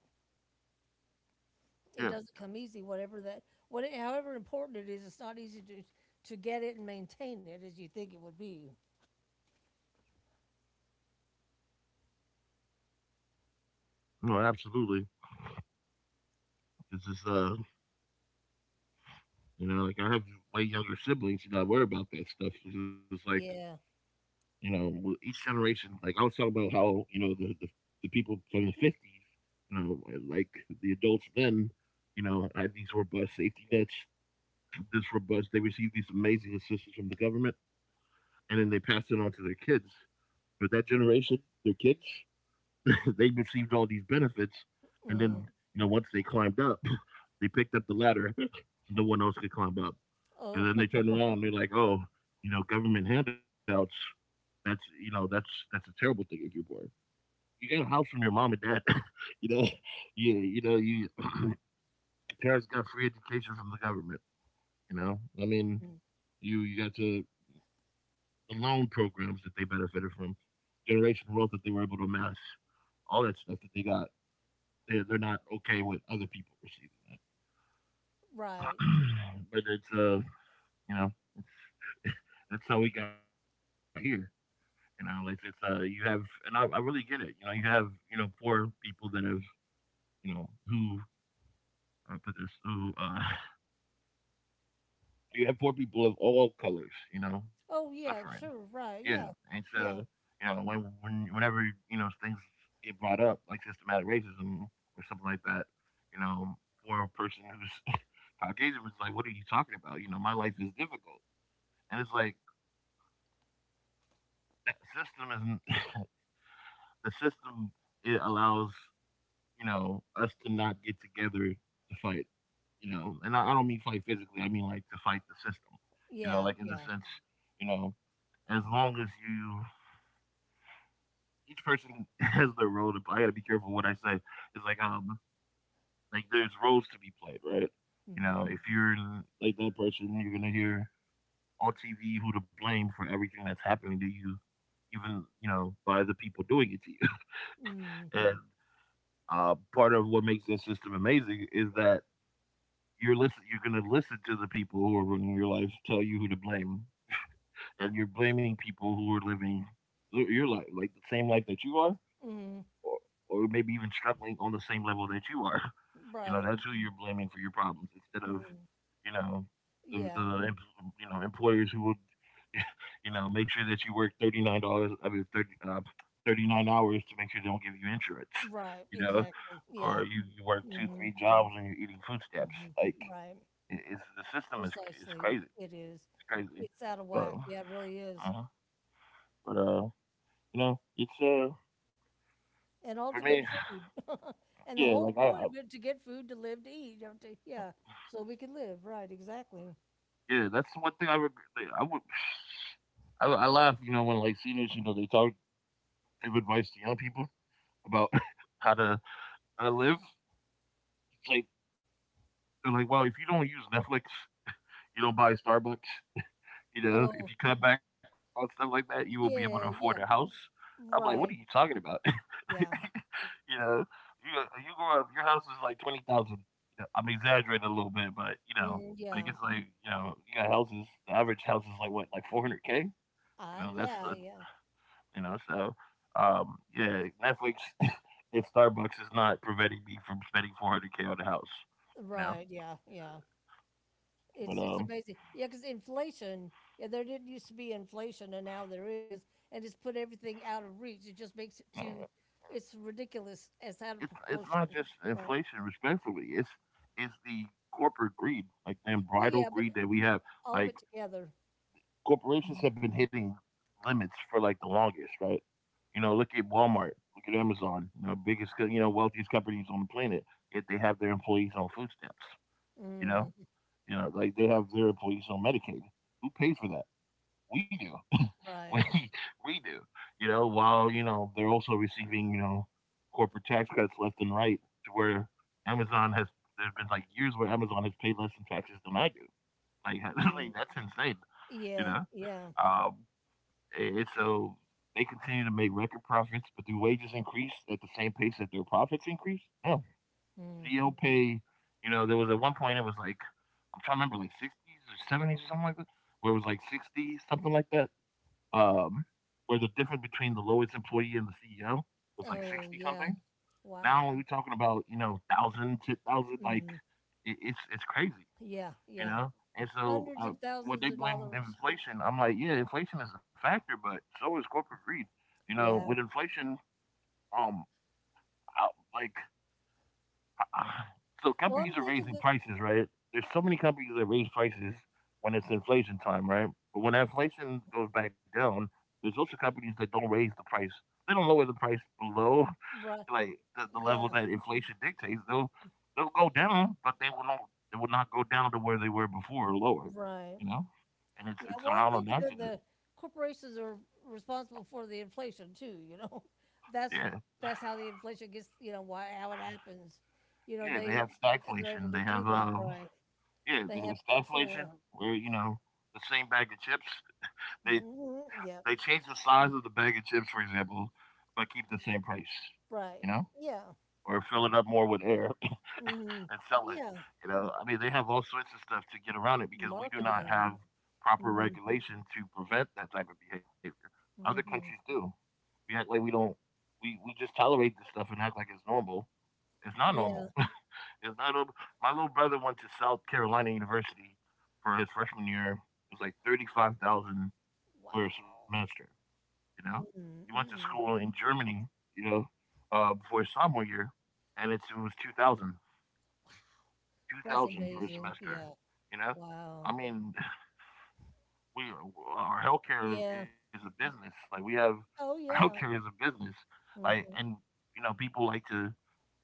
S2: It
S1: yeah,
S2: doesn't come easy. Whatever that. What. However important it is, it's not easy to to get it and maintain it as you think it would be.
S1: no, absolutely. It's just, uh, you know, like, I have way younger siblings, and I worry about that stuff. It's just like,
S2: Yeah.
S1: you know, with each generation, like I was talking about how, you know, the the, the people from the fifties, you know, like the adults then, you know, had these robust safety nets. This robust, they received these amazing assistance from the government, and then they passed it on to their kids. But that generation, their kids, they received all these benefits, and then
S2: Mm.
S1: you know once they climbed up, they picked up the ladder. So no one else could climb up, and
S2: Oh.
S1: then they turned around and they're like, oh, you know, government handouts. That's you know that's that's a terrible thing if you're poor. You got a house from your mom and dad. You know, you you know you your parents got free education from the government. You know, I mean, you you got to the loan programs that they benefited from, generation wealth that they were able to amass, all that stuff that they got. they, they're not okay with other people receiving that.
S2: Right.
S1: But it's uh, you know, it's, that's how we got here. You know, it's it's uh, you have, and I, I really get it. You know, you have you know poor people that have you know who uh, put this who uh, you have poor people of all colors, you know,
S2: Oh,
S1: suffering.
S2: yeah, sure,
S1: Yeah,
S2: right,
S1: and
S2: yeah,
S1: so
S2: yeah,
S1: you know when, when whenever you know things get brought up like systematic racism or something like that, you know, for a person who's Caucasian was like, "What are you talking about? You know, my life is difficult." And it's like that system isn't the system. It allows, you know, us to not get together to fight, you know. And I, I don't mean fight physically, I mean like to fight the system, you know,
S2: yeah,
S1: like in the
S2: yeah,
S1: sense, you know, as long as you, each person has their role to play. I gotta be careful what I say. It's like, um, like there's roles to be played, right? You
S2: mhm,
S1: know, if you're like that person, you're gonna hear on T V who to blame for everything that's happening to you, even, you know, by the people doing it to you.
S2: mhm,
S1: And uh, part of what makes this system amazing is that You're listen you're gonna listen to the people who are running your life tell you who to blame, and you're blaming people who are living your life, like, the same life that you are,
S2: mhm,
S1: or or maybe even struggling on the same level that you are. You know,
S2: right,
S1: that's who you're blaming for your problems instead of,
S2: mhm,
S1: you know, the
S2: yeah,
S1: the you know, employers who would, you know, make sure that you work thirty-nine dollars, I mean, thirty, uh, thirty-nine hours to make sure they don't give you insurance,
S2: right,
S1: you know,
S2: exactly,
S1: or
S2: yeah,
S1: you you work two,
S2: hmm,
S1: three jobs and you're eating food stamps,
S2: hmm,
S1: like
S2: right,
S1: it, it's the system is is
S2: precisely,
S1: crazy.
S2: it
S1: It's
S2: is.
S1: crazy,
S2: It's out of whack,
S1: but
S2: yeah, it really is,
S1: uh, but uh, you know, it's uh
S2: and all to
S1: for
S2: get
S1: me,
S2: food, and the
S1: yeah,
S2: whole
S1: like I,
S2: point of
S1: I
S2: it to get food to live to eat, you know, to, yeah, so we can live, right, exactly.
S1: yeah, that's one thing I regret. Like, I would, I, I laugh, you know, when like seniors, you know, they talk give advice to young people about how to how to live. It's like they're like, well, if you don't use Netflix, you don't buy Starbucks, you know,
S2: Oh,
S1: if you cut back on stuff like that, you will be able to afford a
S2: yeah,
S1: house.
S2: yeah,
S1: I'm like, what are you
S2: right,
S1: talking about?
S2: yeah,
S1: You know, you you grow up, your house is like twenty thousand. You know, I'm exaggerating a little bit, but you know,
S2: mm,
S1: like it's
S2: yeah,
S1: like you know, you got houses. The average house is like what, like four hundred k. You
S2: I,
S1: know, that's
S2: yeah,
S1: the
S2: yeah.
S1: you know, so um, yeah, Netflix and Starbucks is not preventing me from spending four hundred k on a house. You know,
S2: Right. Yeah. Yeah. It's
S1: but
S2: it's
S1: um,
S2: amazing. Yeah, because inflation. Yeah, there didn't used to be inflation, and now there is, and it's put everything out of reach. It just makes it
S1: uh,
S2: too. It's ridiculous. It's out of
S1: it's it's
S2: proportion.
S1: not just
S2: Right.
S1: inflation. Respectfully, it's it's the corporate greed, like the
S2: Well, yeah,
S1: bridal
S2: but
S1: greed that we have.
S2: all of it
S1: Like
S2: together. Mhm.
S1: corporations have been hitting limits for like the longest, right? You know, look at Walmart, look at Amazon, you know, biggest, co- you know, wealthiest companies on the planet. Yet they have their employees on food stamps, you know,
S2: Mm,
S1: you know, like they have their employees on Medicaid. Who pays for that? We do. We
S2: right.
S1: we do. You know, while you know they're also receiving you know corporate tax cuts left and right, to where Amazon has there's been like years where Amazon has paid less in taxes than I do. Like,
S2: Mm,
S1: like that's insane. You
S2: yeah.
S1: know,
S2: Yeah.
S1: um, and so they continue to make record profits, but do wages increase at the same pace that their profits increase? No.
S2: Mm.
S1: C E O pay, you know, there was at one point it was like, I'm trying to remember, like sixties or seventies or something like that, where it was like sixty, something like that, um, where the difference between the lowest employee and the C E O was like
S2: Oh,
S1: sixty
S2: yeah.
S1: something.
S2: Wow.
S1: Now we're talking about, you know, thousand, ten thousand, like,
S2: Hmm.
S1: it, it's, it's crazy,
S2: Yeah.
S1: you
S2: Yeah.
S1: know? And so,
S2: Hundreds
S1: uh,
S2: of
S1: what
S2: thousands
S1: they
S2: of
S1: blame
S2: dollars.
S1: inflation, I'm like, yeah, inflation is a factor, but so is corporate greed. You know, with
S2: Yeah.
S1: inflation, um, out- like, so
S2: Well,
S1: companies
S2: I'm
S1: are
S2: thinking
S1: raising
S2: that.
S1: prices, right? There's so many companies that raise prices when it's inflation time, right? But when inflation goes back down, there's also companies that don't raise the price. They don't lower the price below
S2: Right.
S1: like the, the level
S2: Yeah.
S1: that inflation dictates. They'll they'll go down, but they will not they will not go down to where they were before or lower.
S2: Right.
S1: You know, and it's
S2: Yeah,
S1: it's
S2: well, I'm
S1: not an
S2: thinking that the
S1: accident.
S2: corporations are responsible for the inflation too, you know? That's,
S1: Yeah,
S2: that's how the inflation gets, you know, why, how it happens. You know,
S1: yeah. They
S2: they,
S1: have
S2: and they're able
S1: stagflation. They
S2: to do
S1: have
S2: that,
S1: uh,
S2: right?
S1: yeah,
S2: They
S1: they
S2: have
S1: have stagflation
S2: control.
S1: where you know the same bag of chips. They
S2: Mm-hmm,
S1: they
S2: yep.
S1: change the size of the bag of chips, for example, but keep the same price. You
S2: Right.
S1: know,
S2: Yeah.
S1: or fill it up more with air
S2: Mm,
S1: and sell it.
S2: yeah.
S1: You know, I mean, they have all sorts of stuff to get around it because we do not
S2: Marketing.
S1: have proper
S2: Mm-hmm.
S1: regulation to prevent that type of behavior. Other countries
S2: Mm-hmm.
S1: do. We act like we don't. We we just tolerate this stuff and act like it's normal. It's not
S2: Yeah.
S1: normal. It's not normal. My little brother went to South Carolina University for his freshman year. It was like thirty five thousand for a
S2: Wow.
S1: semester. You know, he went to school
S2: Mm-mm.
S1: in Germany. You know, uh, Before his sophomore year, and it's, it was two thousand
S2: That's
S1: two thousand for a
S2: amazing.
S1: semester,
S2: Yeah.
S1: you know? I
S2: Wow.
S1: mean, we our healthcare is
S2: Yeah.
S1: a business. Like we have our
S2: Oh,
S1: healthcare is
S2: yeah.
S1: a business. Like and
S2: Mm-hmm.
S1: you know, people like to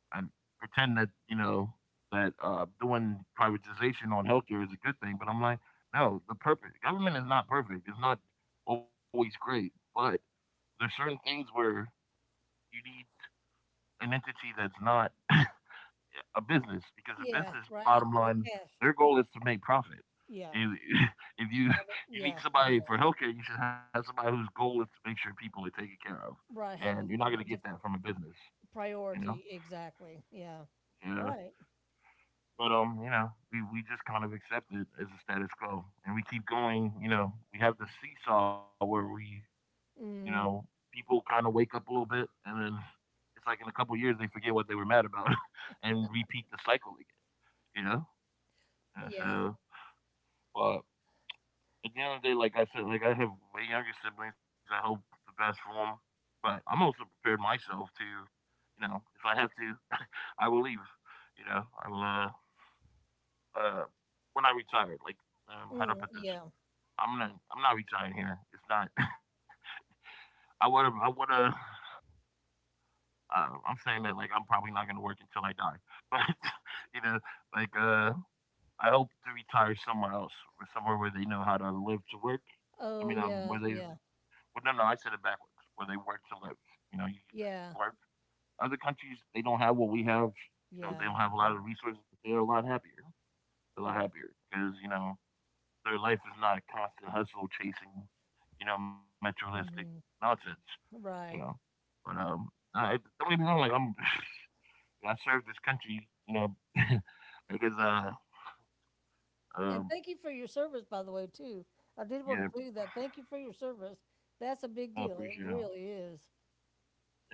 S1: um, pretend that, you know, that uh doing privatization on healthcare is a good thing, but I'm like, no, the perfect government is not perfect. It's not always great, but there's certain things where you need an entity that's not a business because a
S2: Yeah.
S1: business
S2: Right out
S1: bottom
S2: for the
S1: line
S2: cash.
S1: their goal is to make profit.
S2: Yeah.
S1: If, if you
S2: Have it,
S1: you need
S2: yeah,
S1: somebody for
S2: exactly.
S1: healthcare, you should have somebody whose goal is to make sure people are taken care of,
S2: Right,
S1: and you're
S2: have a,
S1: not gonna get
S2: a
S1: that
S2: different
S1: from a business, you know.
S2: priority, exactly. Yeah,
S1: Yeah.
S2: right.
S1: But um, you know, we, we just kind of accept it as a status quo, and we keep going. You know, we have the seesaw where we, you know,
S2: Mm,
S1: people kind of wake up a little bit, and then it's like in a couple of years they forget what they were mad about, and repeat the cycle again. You know, Yeah,
S2: yeah,
S1: so but at the end of the day, like I said, like I have way younger siblings. I hope the best for them, but I'm also prepared myself to, you know, if I have to, I will leave. You know, I will. Uh, uh, when I retire, like, um, how do I
S2: mm,
S1: put this?
S2: yeah.
S1: I'm gonna, I'm not retiring here. It's not. I wanna, I wanna. Uh, I'm saying that like I'm probably not gonna work until I die, but you know, like uh, I hope to retire somewhere else, or somewhere where they know how to live to work. I
S2: Oh,
S1: mean, um,
S2: yeah,
S1: where they
S2: yeah,
S1: well, no, no, I said it backwards. Where they work to live. You know, you
S2: yeah,
S1: work. Other countries they don't have what we have. You know, they
S2: yeah.
S1: don't have a lot of the resources, but they're a lot happier. They're a lot
S2: Right,
S1: happier because you know their life is not a constant hustle chasing, you know, materialistic
S2: hmm,
S1: nonsense. You know,
S2: right.
S1: but um, I, don't get me wrong. Like I'm, I serve this country. You know, because uh,
S2: And
S1: um,
S2: thank you for your service, by the way, too. I did
S1: yeah,
S2: want to do that. Thank you for your service. That's a
S1: I
S2: big
S1: appreciate it.
S2: deal. It really is.
S1: Yeah.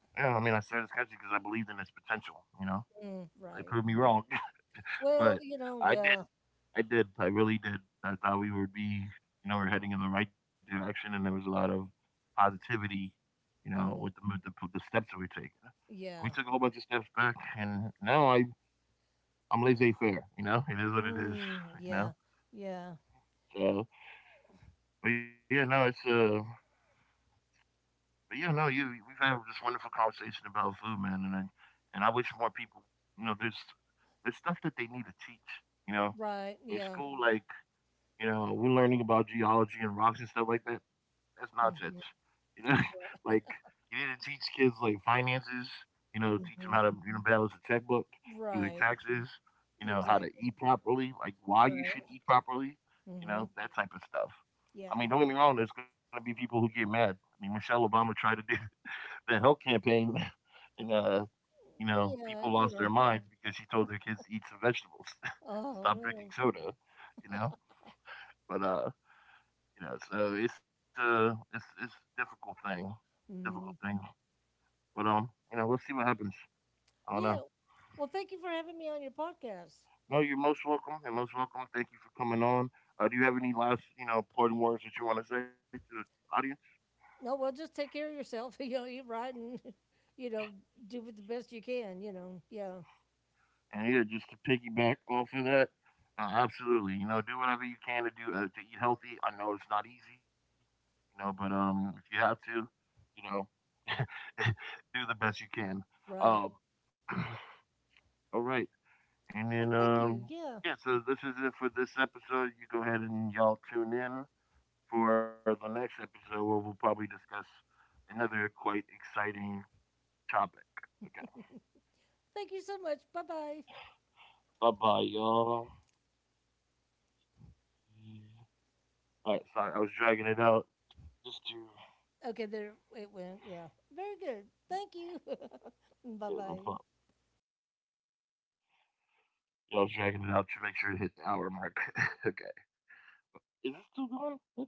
S1: Yeah, I mean, I started sketching because I believed in its potential, you know?
S2: Mm,
S1: They
S2: right.
S1: proved me wrong, but
S2: Well, you know,
S1: I did.
S2: yeah,
S1: I did. I really did. I thought we would be, you know, we're heading in the right direction, and there was a lot of positivity, you know, with
S2: mm,
S1: the with the, the steps that we were taking. We
S2: yeah,
S1: took a whole bunch of steps back, and now I I'm laissez faire, you know. It is, what it is,
S2: mm,
S1: you
S2: yeah,
S1: know.
S2: yeah.
S1: So, but yeah, no, it's uh but yeah, no, you we've had this wonderful conversation about food, man, and I and I wish more people, you know, there's there's stuff that they need to teach, you know,
S2: Right,
S1: in
S2: yeah.
S1: school. Like you know, we're learning about geology and rocks and stuff like that. That's nonsense.
S2: Hmm,
S1: You know, like
S2: right.
S1: you need to teach kids like finances. You know, teach them how
S2: Mm-hmm.
S1: to you know balance a checkbook, do their
S2: Right.
S1: taxes. You know how to
S2: Exactly.
S1: eat properly, like why you should
S2: Right.
S1: eat properly. You
S2: Mhm.
S1: know that type of stuff. I
S2: Yeah.
S1: mean, don't get me wrong. There's going to be people who get mad. I mean, Michelle Obama tried to do the health campaign, and uh, you know,
S2: Yeah,
S1: people
S2: you
S1: lost
S2: know.
S1: their minds because she told their kids to eat some vegetables, and
S2: Oh
S1: stop drinking
S2: no.
S1: soda. You know, but uh, you know, so it's a it's it's a difficult thing, difficult thing.
S2: Mhm.
S1: But um, you know, we'll see what happens. I don't know.
S2: Yeah. Well, thank you for having me on your podcast.
S1: No, you're most welcome and most welcome. Thank you for coming on. Uh, do you have any last you know important words that you want to say to the audience?
S2: No, well, just take care of yourself. You know, eat right and, you know, do with the best you can, you know. Yeah.
S1: And yeah, just to piggyback off of that, uh, absolutely. You know, do whatever you can to do uh, to eat healthy. I know it's not easy, you know, but um, if you have to, you know, do the best you can. Um,
S2: Right.
S1: all right. And
S2: Well,
S1: then
S2: thank you.
S1: um,
S2: Yeah.
S1: yeah, so this is it for this episode. You go ahead and y'all tune in for the next episode where we'll probably discuss another quite exciting topic. Okay.
S2: Thank you so much. Bye bye.
S1: Bye bye, y'all. Yeah. All right, sorry, I was dragging it out just to.
S2: Okay, there it went. Yeah. Very good. Thank you.
S1: Yeah,
S2: bye
S1: no problem.
S2: bye.
S1: Yeah, I was dragging it out to make sure it hit the hour mark. Okay. Is this still going?